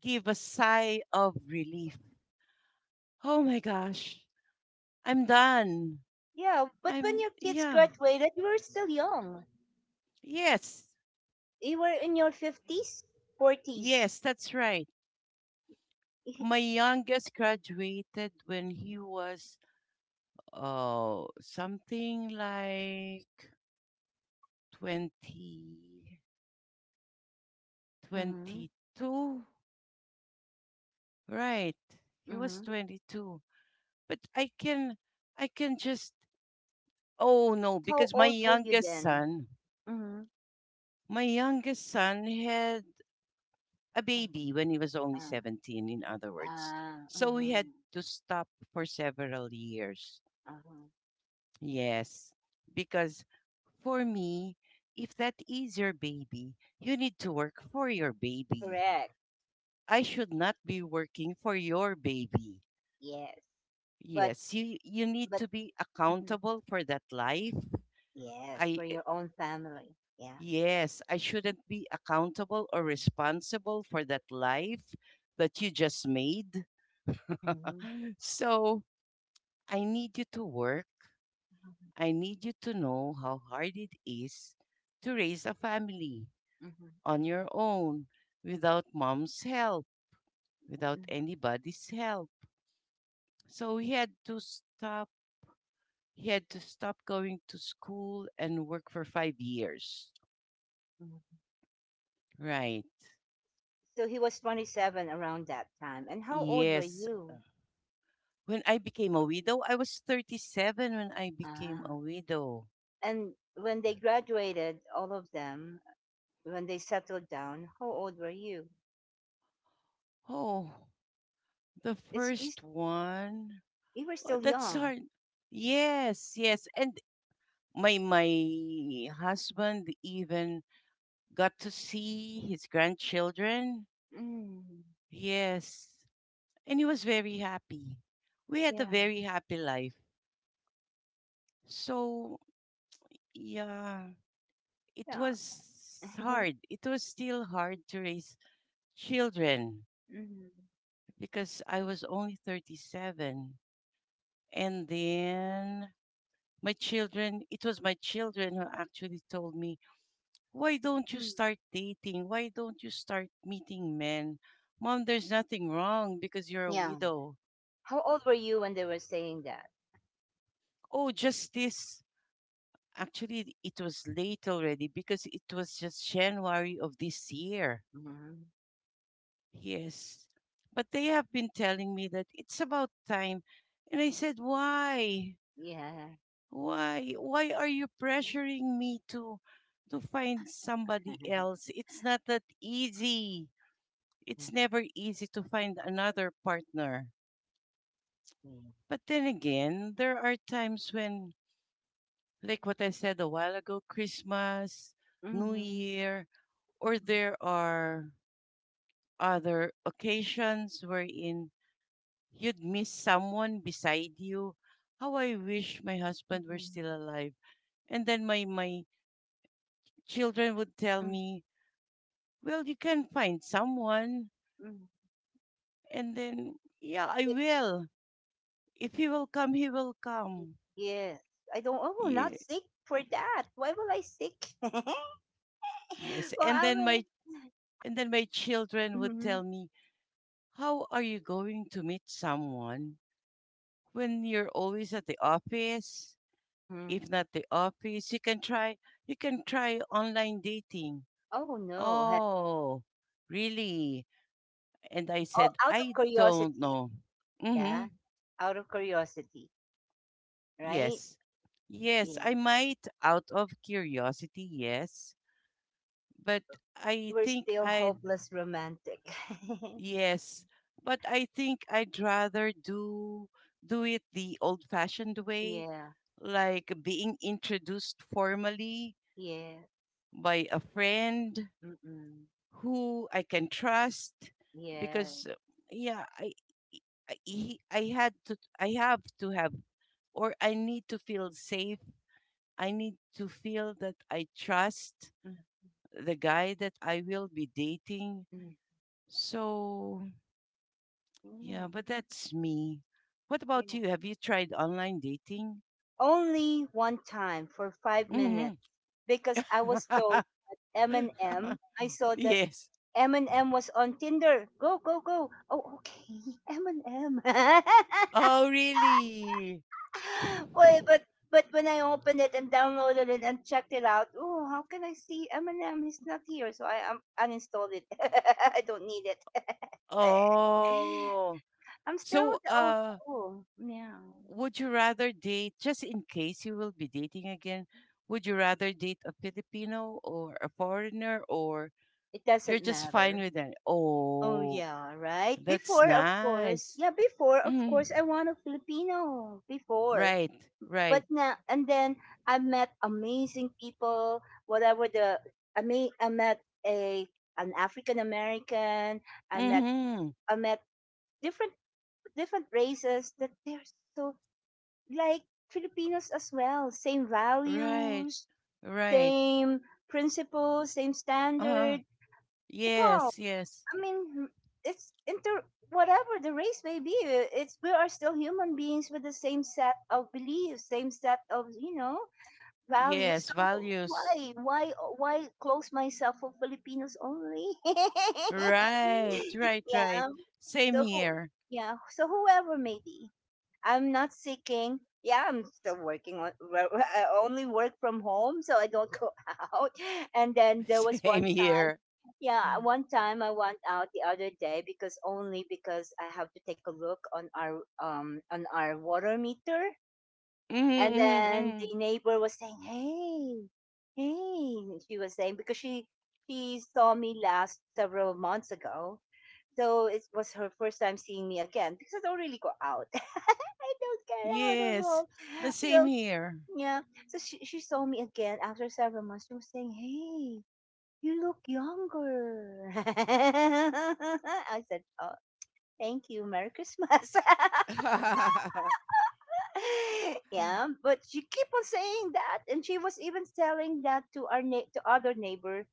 Speaker 2: give a sigh of relief. Oh my gosh, I'm done.
Speaker 1: Yeah, but when your kids
Speaker 2: Yeah.
Speaker 1: graduated, you were still young.
Speaker 2: Yes,
Speaker 1: You were in your 50s, 40s.
Speaker 2: yes, that's right. My youngest graduated when he was, oh, something like 20,
Speaker 1: Mhm. Mhm.
Speaker 2: 22, right. He was 22. But I can just, oh no,
Speaker 1: And how
Speaker 2: because
Speaker 1: old were you then? Mhm.
Speaker 2: my youngest son had a
Speaker 1: Ah.
Speaker 2: baby when he was only
Speaker 1: Ah.
Speaker 2: 17, in other words.
Speaker 1: Ah.
Speaker 2: So we had
Speaker 1: Mhm.
Speaker 2: to stop for several years.
Speaker 1: Uh-huh.
Speaker 2: Yes, because for me, if that is your baby, you need to work for your baby.
Speaker 1: Correct.
Speaker 2: I should not be working for your baby.
Speaker 1: Yes. But
Speaker 2: Yes, you need to
Speaker 1: but.
Speaker 2: be
Speaker 1: Mhm.
Speaker 2: accountable for that life.
Speaker 1: Yes,
Speaker 2: I
Speaker 1: for
Speaker 2: eh,
Speaker 1: your own family. Yeah.
Speaker 2: yes, I shouldn't be accountable or responsible for that life that you just made.
Speaker 1: Mhm.
Speaker 2: So I need you to work.
Speaker 1: Mhm.
Speaker 2: I need you to know how hard it is to raise a family
Speaker 1: Mhm.
Speaker 2: on your own without mom's help, without
Speaker 1: Mhm.
Speaker 2: anybody's help. So he had to stop. He had to stop going to school and work for five years.
Speaker 1: Mhm.
Speaker 2: Right.
Speaker 1: So he was 27 around that time. And how old were
Speaker 2: Yes.
Speaker 1: you?
Speaker 2: When I became a widow, I was 37 when I became a
Speaker 1: Ah.
Speaker 2: widow.
Speaker 1: And when they graduated, all of them, when they settled down, how old were you?
Speaker 2: Oh, the
Speaker 1: It's
Speaker 2: first one.
Speaker 1: You were
Speaker 2: Oh,
Speaker 1: still
Speaker 2: that's
Speaker 1: young.
Speaker 2: hard. Yes, yes. And my husband even got to see his grandchildren.
Speaker 1: Mm.
Speaker 2: Yes, and he was very happy. We had a
Speaker 1: Yeah.
Speaker 2: very happy life. So yeah, it
Speaker 1: Yeah.
Speaker 2: was hard. It was still hard to raise children
Speaker 1: Mm.
Speaker 2: because I was only 37. And then my children, it was my children who actually told me, why don't you
Speaker 1: Mm.
Speaker 2: start dating? Why don't you start meeting men? Mom, there's nothing wrong because you're a
Speaker 1: Yeah.
Speaker 2: widow.
Speaker 1: How old were you when they were saying that?
Speaker 2: Oh, just this. Actually, it was late already because it was just January of this year.
Speaker 1: Mm.
Speaker 2: Yes. But they have been telling me that it's about time. And I said, why?
Speaker 1: Yeah.
Speaker 2: Why? Why are you pressuring me to find somebody else? It's not that easy,
Speaker 1: Yeah.
Speaker 2: it's never easy to find another partner. But then again, there are times when, like what I said a while ago, Christmas, New
Speaker 1: Mm-hmm.
Speaker 2: Year, or there are other occasions wherein you'd miss someone beside you. How I wish my husband were still
Speaker 1: Mm-hmm.
Speaker 2: alive. And then my children would tell me, well, you can find someone.
Speaker 1: Mm-hmm.
Speaker 2: And then, yeah, I will. If he will come, he will come.
Speaker 1: Yes. I don't. I will not
Speaker 2: Yeah,
Speaker 1: seek for that. Why will I seek? Well,
Speaker 2: yes,
Speaker 1: I will.
Speaker 2: and then my children would
Speaker 1: Mm-hmm.
Speaker 2: tell me, "How are you going to meet someone when you're always at the office?
Speaker 1: Mm-hmm.
Speaker 2: If not the office, you can try, you can try online dating."
Speaker 1: Oh, no.
Speaker 2: Oh, really? And I
Speaker 1: Oh,
Speaker 2: said,
Speaker 1: out of
Speaker 2: "I don't
Speaker 1: curiosity.
Speaker 2: know."
Speaker 1: Yeah.
Speaker 2: Mhm.
Speaker 1: Out of curiosity. Right.
Speaker 2: Yes. Yes,
Speaker 1: Yeah.
Speaker 2: I might out of curiosity, yes, but I
Speaker 1: We're
Speaker 2: think
Speaker 1: still
Speaker 2: I
Speaker 1: hopeless romantic.
Speaker 2: yes, but I think I'd rather do it the old-fashioned way,
Speaker 1: Yeah.
Speaker 2: like being introduced formally
Speaker 1: Yeah.
Speaker 2: by a friend
Speaker 1: Mm-mm.
Speaker 2: who I can trust
Speaker 1: Yeah.
Speaker 2: because yeah, I, he- I had to I have to have, or I need to feel safe. I need to feel that I trust the guy that I will be dating.
Speaker 1: Mm-mm.
Speaker 2: So yeah,
Speaker 1: Yeah.
Speaker 2: but that's me. What
Speaker 1: Yeah.
Speaker 2: about you? Have you tried online dating?
Speaker 1: Only one time for five
Speaker 2: Hmm.
Speaker 1: minutes because I was told M&M. I saw that
Speaker 2: Yes.
Speaker 1: Eminem was on Tinder. Go, go, go. Oh, okay. Eminem.
Speaker 2: Oh, really?
Speaker 1: Boy, but when I opened it and downloaded it and checked it out, oh, how can I see Eminem? He's not here, so I uninstalled it. I don't need it.
Speaker 2: Oh.
Speaker 1: I'm still
Speaker 2: So,
Speaker 1: with the old school. Yeah.
Speaker 2: would you rather date, just in case you will be dating again, would you rather date a Filipino or a foreigner, or
Speaker 1: It
Speaker 2: you're
Speaker 1: doesn't
Speaker 2: just fine
Speaker 1: matter.
Speaker 2: with that?
Speaker 1: Oh
Speaker 2: Oh,
Speaker 1: yeah, right.
Speaker 2: that's
Speaker 1: Before, of course.
Speaker 2: nice.
Speaker 1: Yeah, before, of
Speaker 2: Hmm.
Speaker 1: course, I want a Filipino. Before.
Speaker 2: Right, right.
Speaker 1: But now and then I met amazing people. Whatever the I mean, I met a an African American. I met
Speaker 2: Mm-hmm.
Speaker 1: I met different different races that they're so like Filipinos as well. Same
Speaker 2: Right.
Speaker 1: values,
Speaker 2: Right.
Speaker 1: same principles, same
Speaker 2: uh
Speaker 1: standard. Wow!
Speaker 2: Yes, yes.
Speaker 1: I mean, it's inter whatever the race may be. It's We are still human beings with the same set of beliefs, same set of values.
Speaker 2: Yes,
Speaker 1: So
Speaker 2: values.
Speaker 1: why close myself for Filipinos only?
Speaker 2: Right, right, right.
Speaker 1: Yeah.
Speaker 2: Same
Speaker 1: So
Speaker 2: here.
Speaker 1: yeah. So whoever may be, I'm not seeking. Yeah, I'm still working on. I only work from home, so I don't go out. And then there was
Speaker 2: Same
Speaker 1: one time.
Speaker 2: here.
Speaker 1: Yeah, one time I went out the other day because only because I have to take a look on our on our water meter,
Speaker 2: Mm-hmm,
Speaker 1: and
Speaker 2: mm-hmm,
Speaker 1: then
Speaker 2: mm-hmm.
Speaker 1: the neighbor was saying, "Hey, hey," she was saying because she saw me last several months ago, so it was her first time seeing me again because I don't really go out. I don't get out at
Speaker 2: Yes,
Speaker 1: all.
Speaker 2: the same
Speaker 1: So
Speaker 2: here.
Speaker 1: yeah, so she saw me again after several months. She was saying, "Hey, you look younger." I said, "Oh, thank you. Merry Christmas." Yeah, but she keep on saying that, and she was even telling that to other neighbor.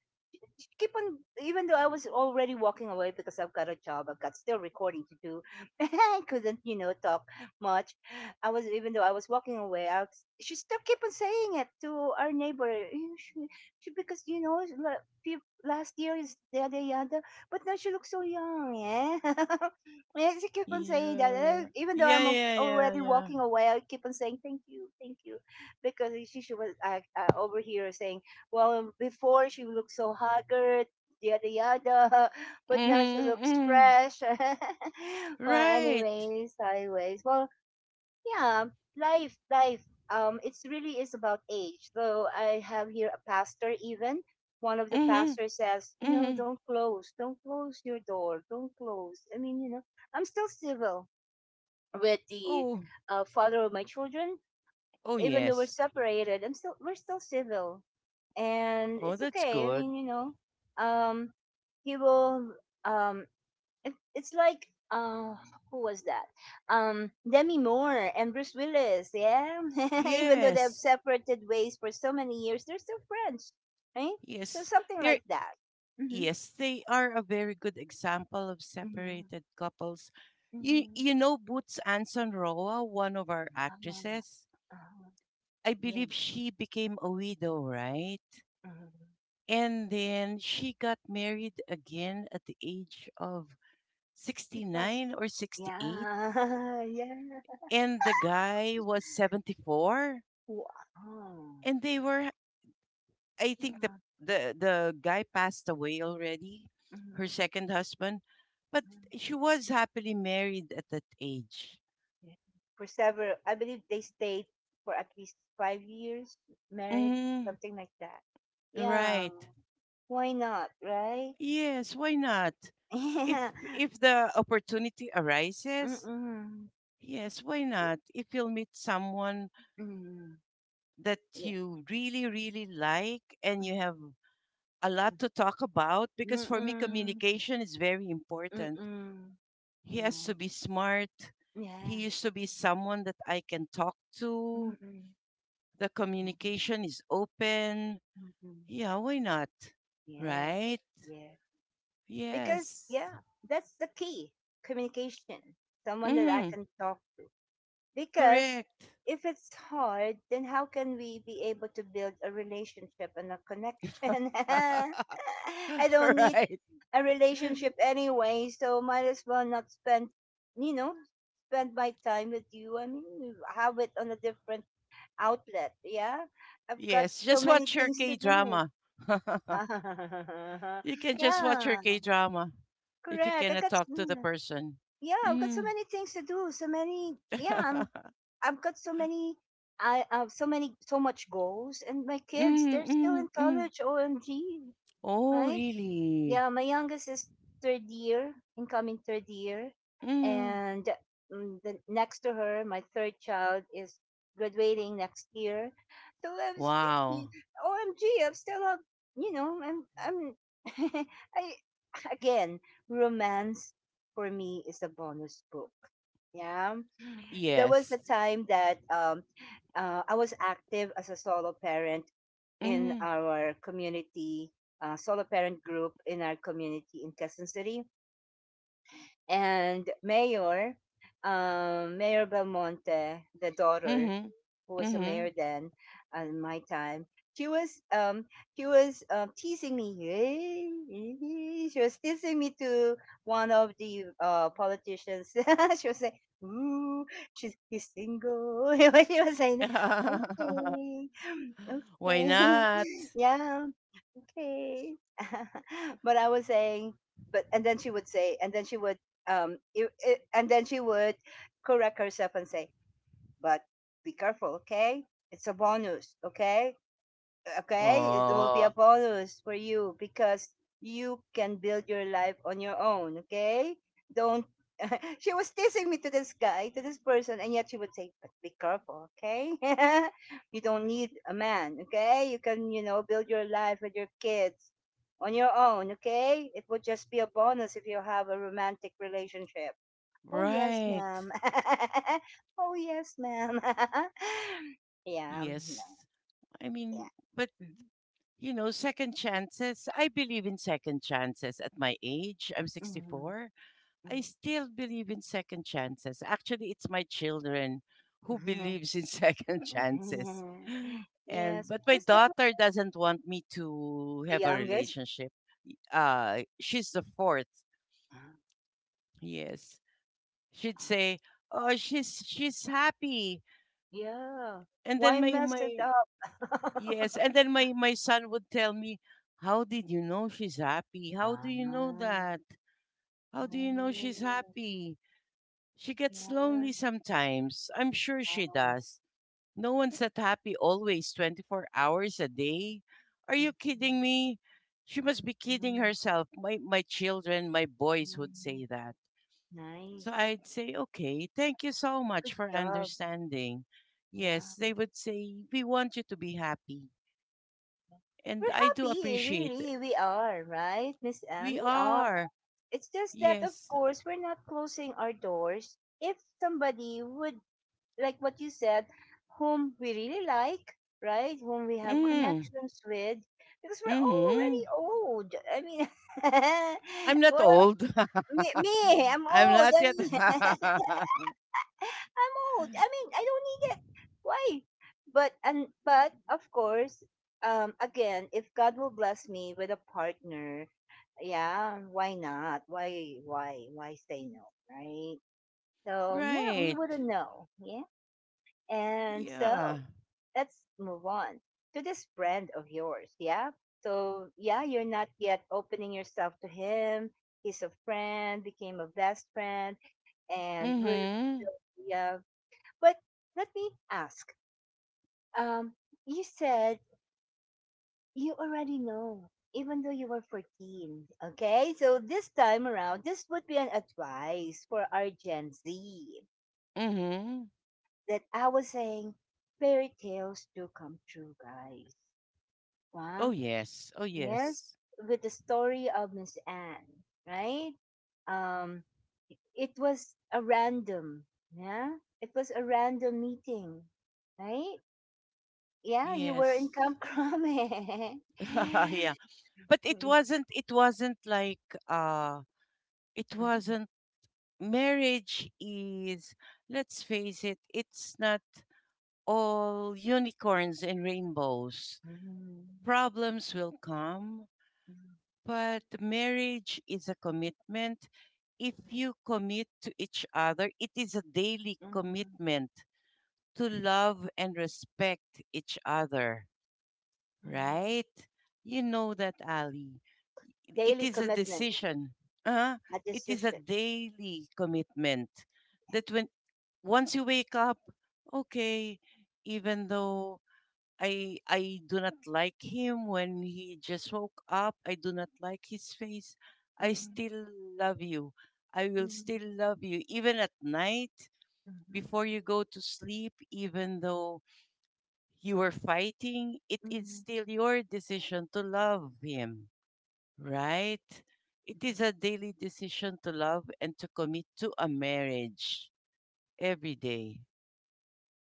Speaker 1: She keep on, even though I was already walking away, because I've got a job, I've got still recording to do. I couldn't, talk much. I was Even though I was walking away, she still keep on saying it to our neighbor. She, because last year is yada yada, but now she looks so young." Yeah. Yes, I just keep on saying that. And
Speaker 2: Yeah.
Speaker 1: even though
Speaker 2: Yeah,
Speaker 1: I'm
Speaker 2: yeah, yeah,
Speaker 1: already
Speaker 2: yeah.
Speaker 1: walking away, I keep on saying thank you, because she was over here saying, well, before she looked so haggard, yada yada, but now she
Speaker 2: Mm-hmm,
Speaker 1: looks
Speaker 2: mm-hmm.
Speaker 1: fresh. Well,
Speaker 2: Right.
Speaker 1: anyways, sideways. Well, yeah, life. It's really is about age. Though I have here a pastor, even one of the
Speaker 2: Mm-hmm,
Speaker 1: pastors says,
Speaker 2: mm-hmm.
Speaker 1: don't close your door, don't close. I mean, I'm still civil with the
Speaker 2: Oh,
Speaker 1: father of my children,
Speaker 2: oh
Speaker 1: even though we're
Speaker 2: yes.
Speaker 1: separated. We're still civil, and
Speaker 2: Oh,
Speaker 1: it's
Speaker 2: that's
Speaker 1: okay. I
Speaker 2: good.
Speaker 1: mean, um, he will. Um, it's like who was that, Demi Moore and Bruce Willis? Yeah. Even though they have
Speaker 2: Yes.
Speaker 1: separated ways for so many years, they're still friends, right? So
Speaker 2: Yes.
Speaker 1: something
Speaker 2: There.
Speaker 1: like that. Mm-hmm.
Speaker 2: Yes, they are a very good example of
Speaker 1: Mm-hmm.
Speaker 2: separated couples. You,
Speaker 1: Mm-hmm.
Speaker 2: you know, Boots Anson Roa, one of our actresses,
Speaker 1: Ah, ah,
Speaker 2: I
Speaker 1: yes.
Speaker 2: believe she became a widow, right?
Speaker 1: Hmm.
Speaker 2: And then she got married again at the age of
Speaker 1: 60 plus.
Speaker 2: 69 or 68.
Speaker 1: Yeah. Yeah.
Speaker 2: And the guy was 74.
Speaker 1: Wow.
Speaker 2: And they were, I
Speaker 1: Uh-huh,
Speaker 2: think the
Speaker 1: uh-huh.
Speaker 2: the guy passed away already,
Speaker 1: Mm-hmm.
Speaker 2: her second husband, but
Speaker 1: mm-hmm.
Speaker 2: she was happily married at that age.
Speaker 1: Yeah. For several, I believe they stayed for at least 5 years, married,
Speaker 2: Mm,
Speaker 1: something like that. Yeah,
Speaker 2: right.
Speaker 1: why not, right?
Speaker 2: Yes, why not? If if the opportunity arises, yes, why
Speaker 1: Yeah.
Speaker 2: not? If you'll meet someone
Speaker 1: Mm-mm.
Speaker 2: that
Speaker 1: Yeah.
Speaker 2: you really really like and you have a lot to talk about,
Speaker 1: Mm-mm. Yeah.
Speaker 2: because
Speaker 1: Mm-hmm.
Speaker 2: for me
Speaker 1: Mm-mm.
Speaker 2: communication is very important.
Speaker 1: Mm-mm.
Speaker 2: He has
Speaker 1: Mm-mm.
Speaker 2: to be smart.
Speaker 1: Yeah.
Speaker 2: He
Speaker 1: Yes.
Speaker 2: used to be someone that I can talk to.
Speaker 1: Mm-mm.
Speaker 2: The
Speaker 1: Yeah.
Speaker 2: communication is open.
Speaker 1: Mm-mm.
Speaker 2: Yeah, why not?
Speaker 1: Yeah.
Speaker 2: Right?
Speaker 1: Yeah. Because,
Speaker 2: Yes.
Speaker 1: yeah, that's the key, communication. Someone that I
Speaker 2: Mm-hmm.
Speaker 1: can talk. Because
Speaker 2: Correct.
Speaker 1: if it's hard, then how can we be able to build a relationship and a connection? I don't need
Speaker 2: Right.
Speaker 1: a relationship anyway, so might as well not you know, spend my time with you. I mean, have it on a different outlet. Yeah, I've got
Speaker 2: Yes,
Speaker 1: so
Speaker 2: just
Speaker 1: many
Speaker 2: watch your
Speaker 1: things to
Speaker 2: K
Speaker 1: do.
Speaker 2: drama. You can just watch your
Speaker 1: Yeah,
Speaker 2: K drama if you
Speaker 1: correct. I
Speaker 2: cannot
Speaker 1: got
Speaker 2: talk to the person.
Speaker 1: Yeah, I've got so
Speaker 2: Mm.
Speaker 1: many things to do. So many, yeah,
Speaker 2: Mm,
Speaker 1: I've got so many, I have so many, so much goals, and my kids, they're still in
Speaker 2: mm, mm.
Speaker 1: college. OMG,
Speaker 2: Oh,
Speaker 1: right?
Speaker 2: really?
Speaker 1: Yeah, my youngest is third year, incoming third year,
Speaker 2: Mm.
Speaker 1: and the next to her, my third child is graduating next year. So I was, y-
Speaker 2: Wow.
Speaker 1: OMG, I'm still up, you know, I'm, I'm, I, again, romance for me is a bonus book. Yeah, there was a
Speaker 2: Yes.
Speaker 1: time that I was active as a solo parent in
Speaker 2: Mhm.
Speaker 1: our community, solo parent group in our community in Quezon City. And Mayor Belmonte, the daughter
Speaker 2: Mhm.
Speaker 1: who was a mayor
Speaker 2: Mhm.
Speaker 1: then, at my time, she was um, she was teasing me. She was teasing me to one of the politicians. She was saying, "Ooh, she's he's single." She was saying, "Okay,
Speaker 2: Why
Speaker 1: okay,
Speaker 2: not?
Speaker 1: yeah, okay." but I was saying, but and then she would say, and then she would correct herself and say, "But be careful, okay? It's a bonus, okay? Okay, it will be a
Speaker 2: Oh,
Speaker 1: bonus for you, because you can build your life on your own, okay? Don't—" She was teasing me to this guy, to this person, and yet she would say, "But be careful, okay?" "You don't need a man, okay? You can, build your life with your kids on your own, okay? It would just be a bonus if you have a romantic relationship." Oh, yes,
Speaker 2: right.
Speaker 1: ma'am. Oh, yes, ma'am. Yeah.
Speaker 2: Yes. I
Speaker 1: Yeah.
Speaker 2: mean, but you know, second chances. I believe in second chances at my age. I'm
Speaker 1: Mhm.
Speaker 2: 64. I still believe in second chances. Actually, it's my children who
Speaker 1: Mhm.
Speaker 2: believes in second chances.
Speaker 1: Mhm.
Speaker 2: And
Speaker 1: Yes,
Speaker 2: but my
Speaker 1: because they were
Speaker 2: daughter doesn't want me to
Speaker 1: the
Speaker 2: have a
Speaker 1: youngest.
Speaker 2: relationship. She's the fourth. Yes. She'd say, "Oh, she's happy."
Speaker 1: Yeah.
Speaker 2: And then
Speaker 1: Why
Speaker 2: my
Speaker 1: mess it
Speaker 2: my yes,
Speaker 1: up?
Speaker 2: and then my son would tell me, "How did you know she's happy? How do you know
Speaker 1: Ah.
Speaker 2: that? How do you know
Speaker 1: Oh.
Speaker 2: she's happy? She gets
Speaker 1: Yeah.
Speaker 2: lonely sometimes. I'm sure she
Speaker 1: Oh.
Speaker 2: does. No one's that happy always 24 hours a day. Are you kidding me? She must be kidding
Speaker 1: Mhm.
Speaker 2: herself." My children, my boys would
Speaker 1: Mhm.
Speaker 2: say that.
Speaker 1: Nice.
Speaker 2: So I'd say, okay, thank you so
Speaker 1: Good
Speaker 2: much for
Speaker 1: job.
Speaker 2: understanding.
Speaker 1: Yeah.
Speaker 2: Yes, they would say, we want you to be happy.
Speaker 1: We're
Speaker 2: And I do
Speaker 1: happy,
Speaker 2: appreciate it.
Speaker 1: really. We are, right, Miss Anne?
Speaker 2: We
Speaker 1: We are.
Speaker 2: are.
Speaker 1: It's just that, of
Speaker 2: Yes.
Speaker 1: course, we're not closing our doors. If somebody would, like what you said, whom we really like, right? Whom we have
Speaker 2: Mm,
Speaker 1: connections with, because we're
Speaker 2: mm-hmm.
Speaker 1: already old. I mean,
Speaker 2: I'm not
Speaker 1: well,
Speaker 2: old.
Speaker 1: me, me, I'm
Speaker 2: I'm
Speaker 1: old.
Speaker 2: not
Speaker 1: I
Speaker 2: yet.
Speaker 1: mean, I'm old. I mean, I don't need it. Why? But of course, again, if God will bless me with a partner, yeah, why not? Why say no, right? So yeah, we
Speaker 2: Right.
Speaker 1: wouldn't know, yeah. And so
Speaker 2: Yeah.
Speaker 1: let's move on to this friend of yours. Yeah. So, yeah, you're not yet opening yourself to him. He's a friend, became a best friend, and we're
Speaker 2: Mm-hmm.
Speaker 1: still, yeah. But let me ask. Um, you said you already know, even though you were 14. Okay. So, this time around, this would be an advice for our Gen Z,
Speaker 2: Mm-hmm.
Speaker 1: that I was saying fairy tales do come true, guys. Huh?
Speaker 2: Oh, yes. Oh,
Speaker 1: Yes,
Speaker 2: yes.
Speaker 1: with the story of Miss Anne, right? Um, it was a random, yeah, it was a random meeting, right? Yeah, you were in
Speaker 2: Yes.
Speaker 1: Camp Crame.
Speaker 2: Yeah. But it wasn't like, uh, it wasn't, marriage is, let's face it, it's not all unicorns and rainbows. Problems will come, but marriage is a commitment. If you commit to each other, it is a daily commitment to love and respect each other, right? You know that, Ali. It
Speaker 1: Daily
Speaker 2: is a
Speaker 1: commitment,
Speaker 2: decision. Uh,
Speaker 1: a
Speaker 2: it is a
Speaker 1: decision.
Speaker 2: daily commitment that when once you wake up, okay, even though I do not like him when he just woke up, I do not like his face, I
Speaker 1: Mhm,
Speaker 2: still love you. I will
Speaker 1: mhm,
Speaker 2: still love you even at night
Speaker 1: mhm,
Speaker 2: before you go to sleep, even though you were fighting, it is
Speaker 1: mhm,
Speaker 2: still your decision to love him, right? It
Speaker 1: mhm,
Speaker 2: is a daily decision to love and to commit to a marriage every day.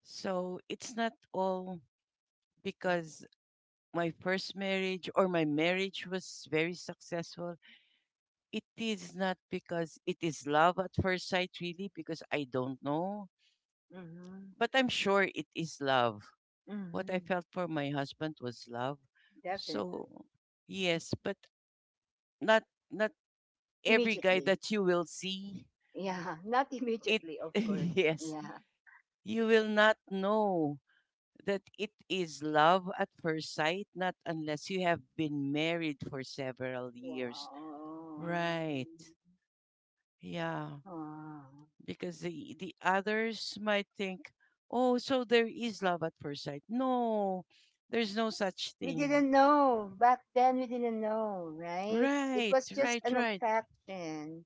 Speaker 2: So it's not all because my first marriage or my marriage was very successful. It is not because it is love at first sight, really, because I don't know.
Speaker 1: mhm, mhm,
Speaker 2: But I'm sure it is love. What I
Speaker 1: mhm.
Speaker 2: felt for my husband was love.
Speaker 1: Definitely,
Speaker 2: So yes, but not, not every guy
Speaker 1: immediately.
Speaker 2: that you will see
Speaker 1: Yeah, not
Speaker 2: it.
Speaker 1: immediately, of course.
Speaker 2: Yes,
Speaker 1: Yeah.
Speaker 2: you will not know that it is love at first sight, not unless you have been married for several years.
Speaker 1: Wow.
Speaker 2: Right. Yeah.
Speaker 1: Wow.
Speaker 2: Because the others might think, oh, so there is love at first sight. No, there's no such
Speaker 1: We
Speaker 2: thing.
Speaker 1: didn't know. Back then, we didn't know, right? It
Speaker 2: Right,
Speaker 1: was just
Speaker 2: right,
Speaker 1: an
Speaker 2: right.
Speaker 1: attraction.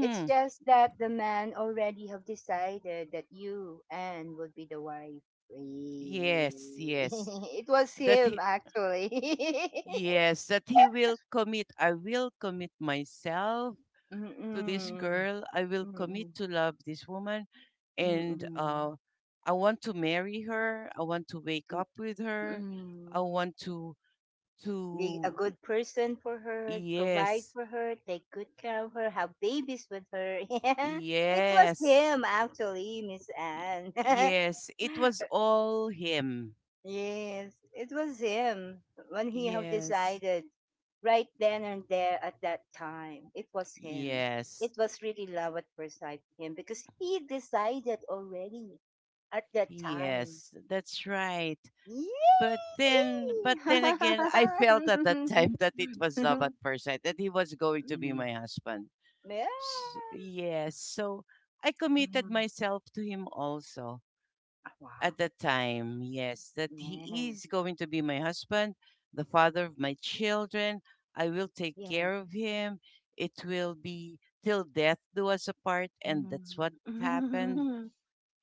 Speaker 1: It's just that the man already have decided that you, Anne, would be the wife.
Speaker 2: Yes,
Speaker 1: Really.
Speaker 2: yes.
Speaker 1: It was
Speaker 2: That
Speaker 1: him,
Speaker 2: he,
Speaker 1: actually.
Speaker 2: yes, that he will commit. I will commit myself to this
Speaker 1: Mm-mm.
Speaker 2: girl. I will commit
Speaker 1: Mm-mm.
Speaker 2: to love this woman, and
Speaker 1: Mm-mm.
Speaker 2: I want to marry her. I want to wake up with her. I
Speaker 1: Mm-mm.
Speaker 2: want to
Speaker 1: Be a
Speaker 2: to
Speaker 1: good person for her, provide
Speaker 2: yes,
Speaker 1: for her, take good care of her, have babies with her. Yeah, it was
Speaker 2: yes,
Speaker 1: him actually, Miss
Speaker 2: y-
Speaker 1: Anne.
Speaker 2: yes. It was all him.
Speaker 1: Yes, it was him when he have
Speaker 2: Yes,
Speaker 1: decided right then and there at that time. It was him.
Speaker 2: yes,
Speaker 1: It was really love at first sight for him because he decided already at that time.
Speaker 2: yes. That's right.
Speaker 1: Yay!
Speaker 2: But then again, I felt at that time that it was love at first sight, that he was going to be my husband.
Speaker 1: Yeah.
Speaker 2: Yes. So I
Speaker 1: Mm-hmm.
Speaker 2: committed myself to him also
Speaker 1: Wow.
Speaker 2: at that time. Yes, that
Speaker 1: Yes.
Speaker 2: he is going to be my husband, the father of my children. I will take
Speaker 1: Yeah.
Speaker 2: care of him. It will be till death do us apart. And that's what happened.
Speaker 1: Mm-hmm.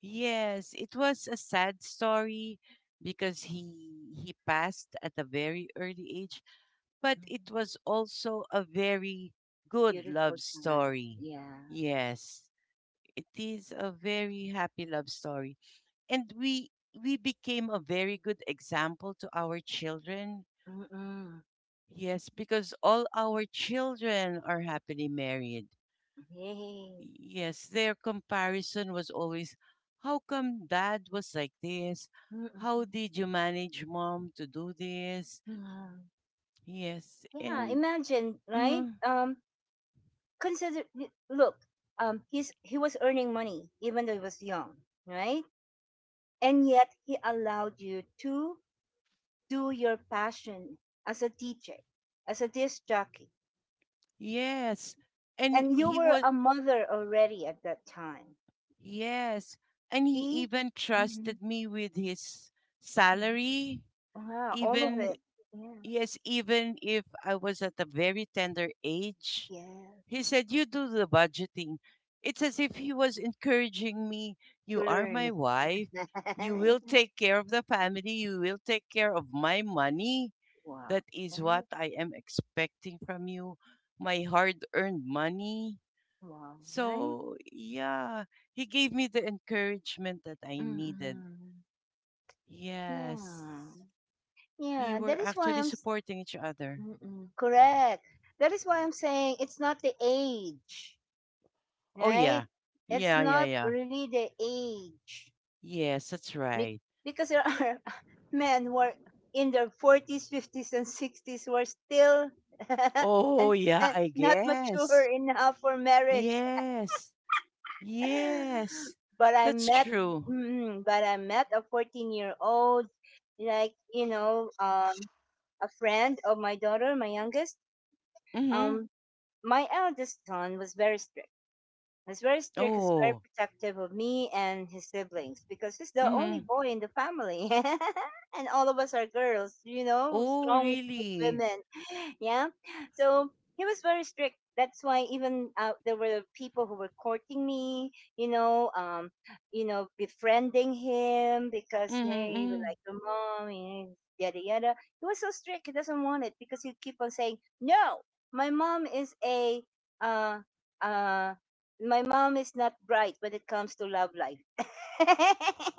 Speaker 2: Yes, it was a sad story because he passed at a very early age, but it was also a very good
Speaker 1: Beautiful
Speaker 2: love
Speaker 1: time.
Speaker 2: story.
Speaker 1: Yeah.
Speaker 2: Yes. It is a very happy love story. And we became a very good example to our children.
Speaker 1: Mm-mm.
Speaker 2: Yes, because all our children are happily married.
Speaker 1: Yay.
Speaker 2: Yes, their comparison was always how come dad was like this? How
Speaker 1: Mm-mm.
Speaker 2: did you manage mom to do this?
Speaker 1: Mm.
Speaker 2: Yes,
Speaker 1: Yeah,
Speaker 2: and
Speaker 1: imagine, right?
Speaker 2: uh,
Speaker 1: Look, he was earning money even though he was young, right? And yet he allowed you to do your passion as a DJ, as a disc jockey.
Speaker 2: yes, and
Speaker 1: And you
Speaker 2: he
Speaker 1: were
Speaker 2: was,
Speaker 1: a mother already at that time.
Speaker 2: yes, and he
Speaker 1: See?
Speaker 2: even
Speaker 1: Mm-hmm.
Speaker 2: trusted me with his salary.
Speaker 1: Wow, all of
Speaker 2: Even,
Speaker 1: it. Yeah.
Speaker 2: yes, even if I was at a very tender age,
Speaker 1: Yeah.
Speaker 2: he said you do the budgeting. It's as if he was encouraging me.
Speaker 1: To
Speaker 2: You are my
Speaker 1: learn.
Speaker 2: wife, you will take care of the family, you will take care of my money.
Speaker 1: Wow.
Speaker 2: That is what
Speaker 1: Right?
Speaker 2: I am expecting from you, my hard earned money.
Speaker 1: Wow. Right?
Speaker 2: So yeah, he gave me the encouragement that I needed.
Speaker 1: Mm-mm.
Speaker 2: Yes,
Speaker 1: Yeah.
Speaker 2: we
Speaker 1: Yeah. That
Speaker 2: were
Speaker 1: is why
Speaker 2: actually
Speaker 1: I'm.
Speaker 2: supporting each other.
Speaker 1: Mm-mm. Correct. That is why I'm saying it's not the age,
Speaker 2: Oh,
Speaker 1: right?
Speaker 2: yeah.
Speaker 1: It's
Speaker 2: Yeah, yeah,
Speaker 1: not
Speaker 2: yeah.
Speaker 1: really the age.
Speaker 2: Yes, that's
Speaker 1: Be-
Speaker 2: right.
Speaker 1: because there are men who are in their 40s, 50s, and 60s who are still
Speaker 2: Oh,
Speaker 1: and-
Speaker 2: yeah,
Speaker 1: and
Speaker 2: I
Speaker 1: not
Speaker 2: guess.
Speaker 1: mature enough for marriage.
Speaker 2: Yes. Yes.
Speaker 1: But I
Speaker 2: That's
Speaker 1: met,
Speaker 2: true.
Speaker 1: mm, but I met a 14-year-old, like, a friend of my daughter, my youngest.
Speaker 2: Mm-hmm.
Speaker 1: Um, my eldest son was very strict. It's very strict. He's very
Speaker 2: Oh.
Speaker 1: protective of me and his siblings because he's the only
Speaker 2: Mm-hmm.
Speaker 1: boy in the family, and all of us are girls. You know,
Speaker 2: Oh,
Speaker 1: strong
Speaker 2: really?
Speaker 1: women. Yeah. So he was very strict. That's why, even there were people who were courting me. You know, um, Befriending him because, hey, we
Speaker 2: Mm-hmm.
Speaker 1: like your mom, and yada yada. He was so strict. He doesn't want it because he keep on saying no. My mom is a uh uh my mom is not bright when it comes to love life.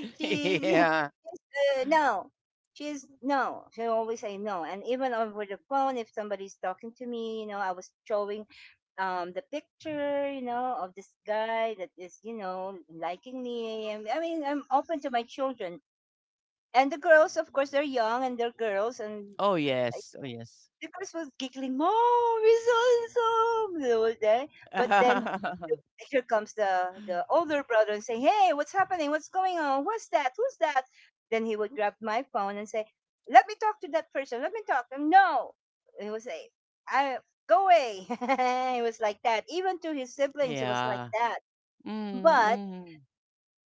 Speaker 1: She's
Speaker 2: Yeah.
Speaker 1: no, she's no. She always say no, and even over the phone, if somebody's talking to me, I was showing the picture, of this guy that is, liking me. And, I mean, I'm open to my children and the girls. Of course, they're young and they're girls, and
Speaker 2: Oh, yes. Oh, yes.
Speaker 1: the girls was giggling, "Mom, he's awesome." They were there. But then the- here comes the older brother and say, "Hey, what's happening? What's going on? What's that? Who's that?" Then he would grab my phone and say, "Let me talk to that person. Let me talk." And no, he would say, "I go away." He was like that. Even to his siblings, he was like
Speaker 2: Yeah.
Speaker 1: that. But
Speaker 2: Mm-hmm.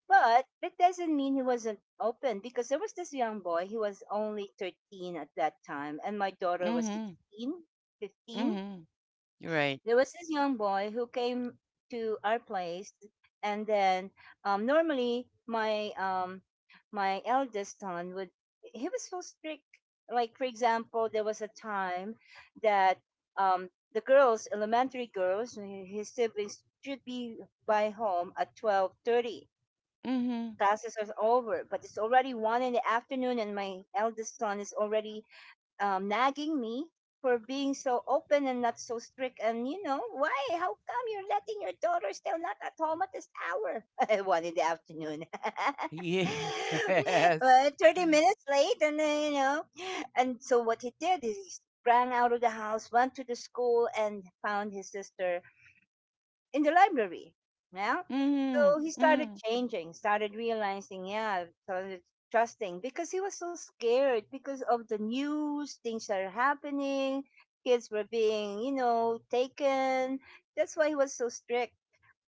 Speaker 1: but that doesn't mean he wasn't open, because there was this young boy, he was only 13 at that time, and my daughter was
Speaker 2: Mm-hmm.
Speaker 1: 16, 15.
Speaker 2: Mm-hmm. You're right.
Speaker 1: There was this young boy who came to our place, and then normally my my eldest son would, he was so strict. Like, for example, there was a time that the girls, elementary girls, his siblings, should be by home at 12:30.
Speaker 2: Mm-hmm.
Speaker 1: Classes are over, but it's already one in the afternoon, and my eldest son is already nagging me for being so open and not so strict. And you know why? How come you're letting your daughter still not at home at this hour? One in the afternoon.
Speaker 2: Yes.
Speaker 1: But 30 minutes late, and then, and so what he did is he sprang out of the house, went to the school, and found his sister in the library. Yeah.
Speaker 2: Mm-hmm.
Speaker 1: So he started
Speaker 2: Mm-hmm.
Speaker 1: changing, started realizing, yeah, started trusting, because he was so scared because of the news, things that are happening, kids were being, you know, taken. That's why he was so strict.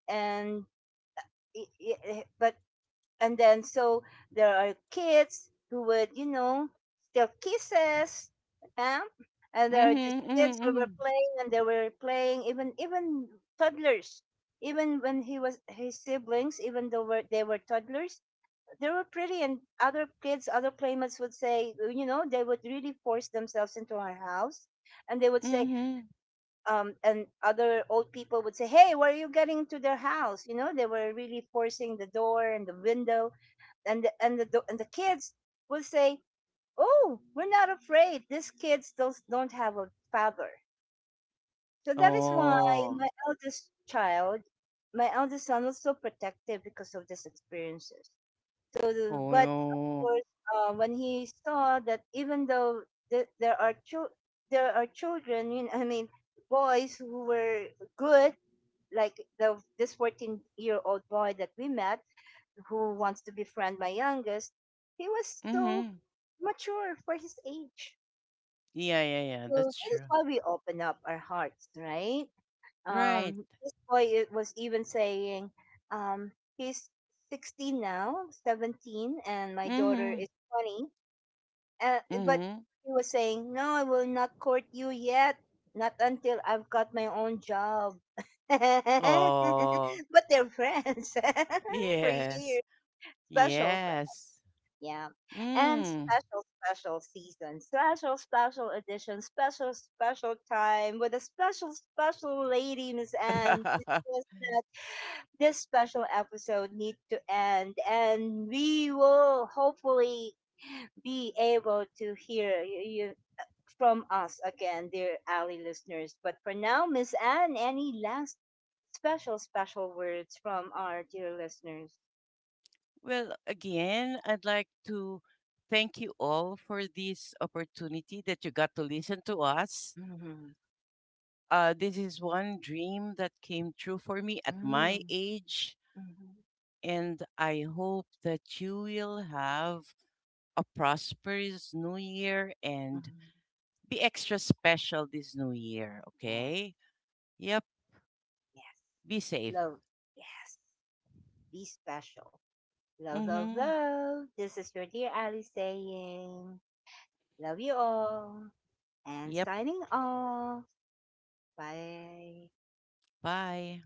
Speaker 1: And, but and then so there are kids who would, you know, still kisses, huh? And there are just
Speaker 2: Mm-hmm.
Speaker 1: kids who were
Speaker 2: Mm-hmm.
Speaker 1: playing, and they were playing, even toddlers. Even when he was, his siblings, even though were, they were toddlers, they were pretty, and other kids, other playmates would say, you know, they would really force themselves into our house, and they would say
Speaker 2: Mhm.
Speaker 1: and other old people would say, "Hey, why are you getting into their house?" You know, they were really forcing the door and the window. And the kids will say, "Oh, we're not afraid. These kids don't have a father." So that is why
Speaker 2: Oh.
Speaker 1: my eldest child, my eldest son, was so protective because of these experiences. So, the,
Speaker 2: Oh.
Speaker 1: but of
Speaker 2: Yo.
Speaker 1: course, when he saw that, even though there are there are children, you know, I mean, boys who were good, like the this 14 year old boy that we met, who wants to befriend my youngest, he was so
Speaker 2: Mhm.
Speaker 1: mature for his age.
Speaker 2: Yeah, yeah, yeah.
Speaker 1: So
Speaker 2: That's
Speaker 1: that is
Speaker 2: true.
Speaker 1: why we open up our hearts, right?
Speaker 2: Right.
Speaker 1: This boy was even saying, um, he's 16 now, 17, and my daughter
Speaker 2: Mhm.
Speaker 1: is 20. But
Speaker 2: Mhm.
Speaker 1: he was saying, no, I will not court you yet. Not until I've got my own job.
Speaker 2: Oh.
Speaker 1: But they're friends for
Speaker 2: Yes.
Speaker 1: years. Special.
Speaker 2: Yes.
Speaker 1: Yeah. And
Speaker 2: Mm.
Speaker 1: special, special season, special, special edition, special, special time with a special, special lady, Miss Anne. It's just that this special episode needs to end, and we will hopefully be able to hear you, from us again, dear Ali listeners. But for now, Miss Anne, any last special, special words from our dear listeners?
Speaker 2: Well, again, I'd like to thank you all for this opportunity that you got to listen to us.
Speaker 1: Mm-hmm.
Speaker 2: This is one dream that came true for me at my
Speaker 1: Mm-hmm.
Speaker 2: age,
Speaker 1: Mm-hmm.
Speaker 2: and I hope that you will have a prosperous new year and be extra special this new year,
Speaker 1: Yes.
Speaker 2: okay? Yep,
Speaker 1: Yes.
Speaker 2: be safe.
Speaker 1: Love, yes. Be special. Love, love,
Speaker 2: Mhm.
Speaker 1: love. This is your dear Ali saying, love you all and
Speaker 2: Yep,
Speaker 1: signing off. Bye.
Speaker 2: bye.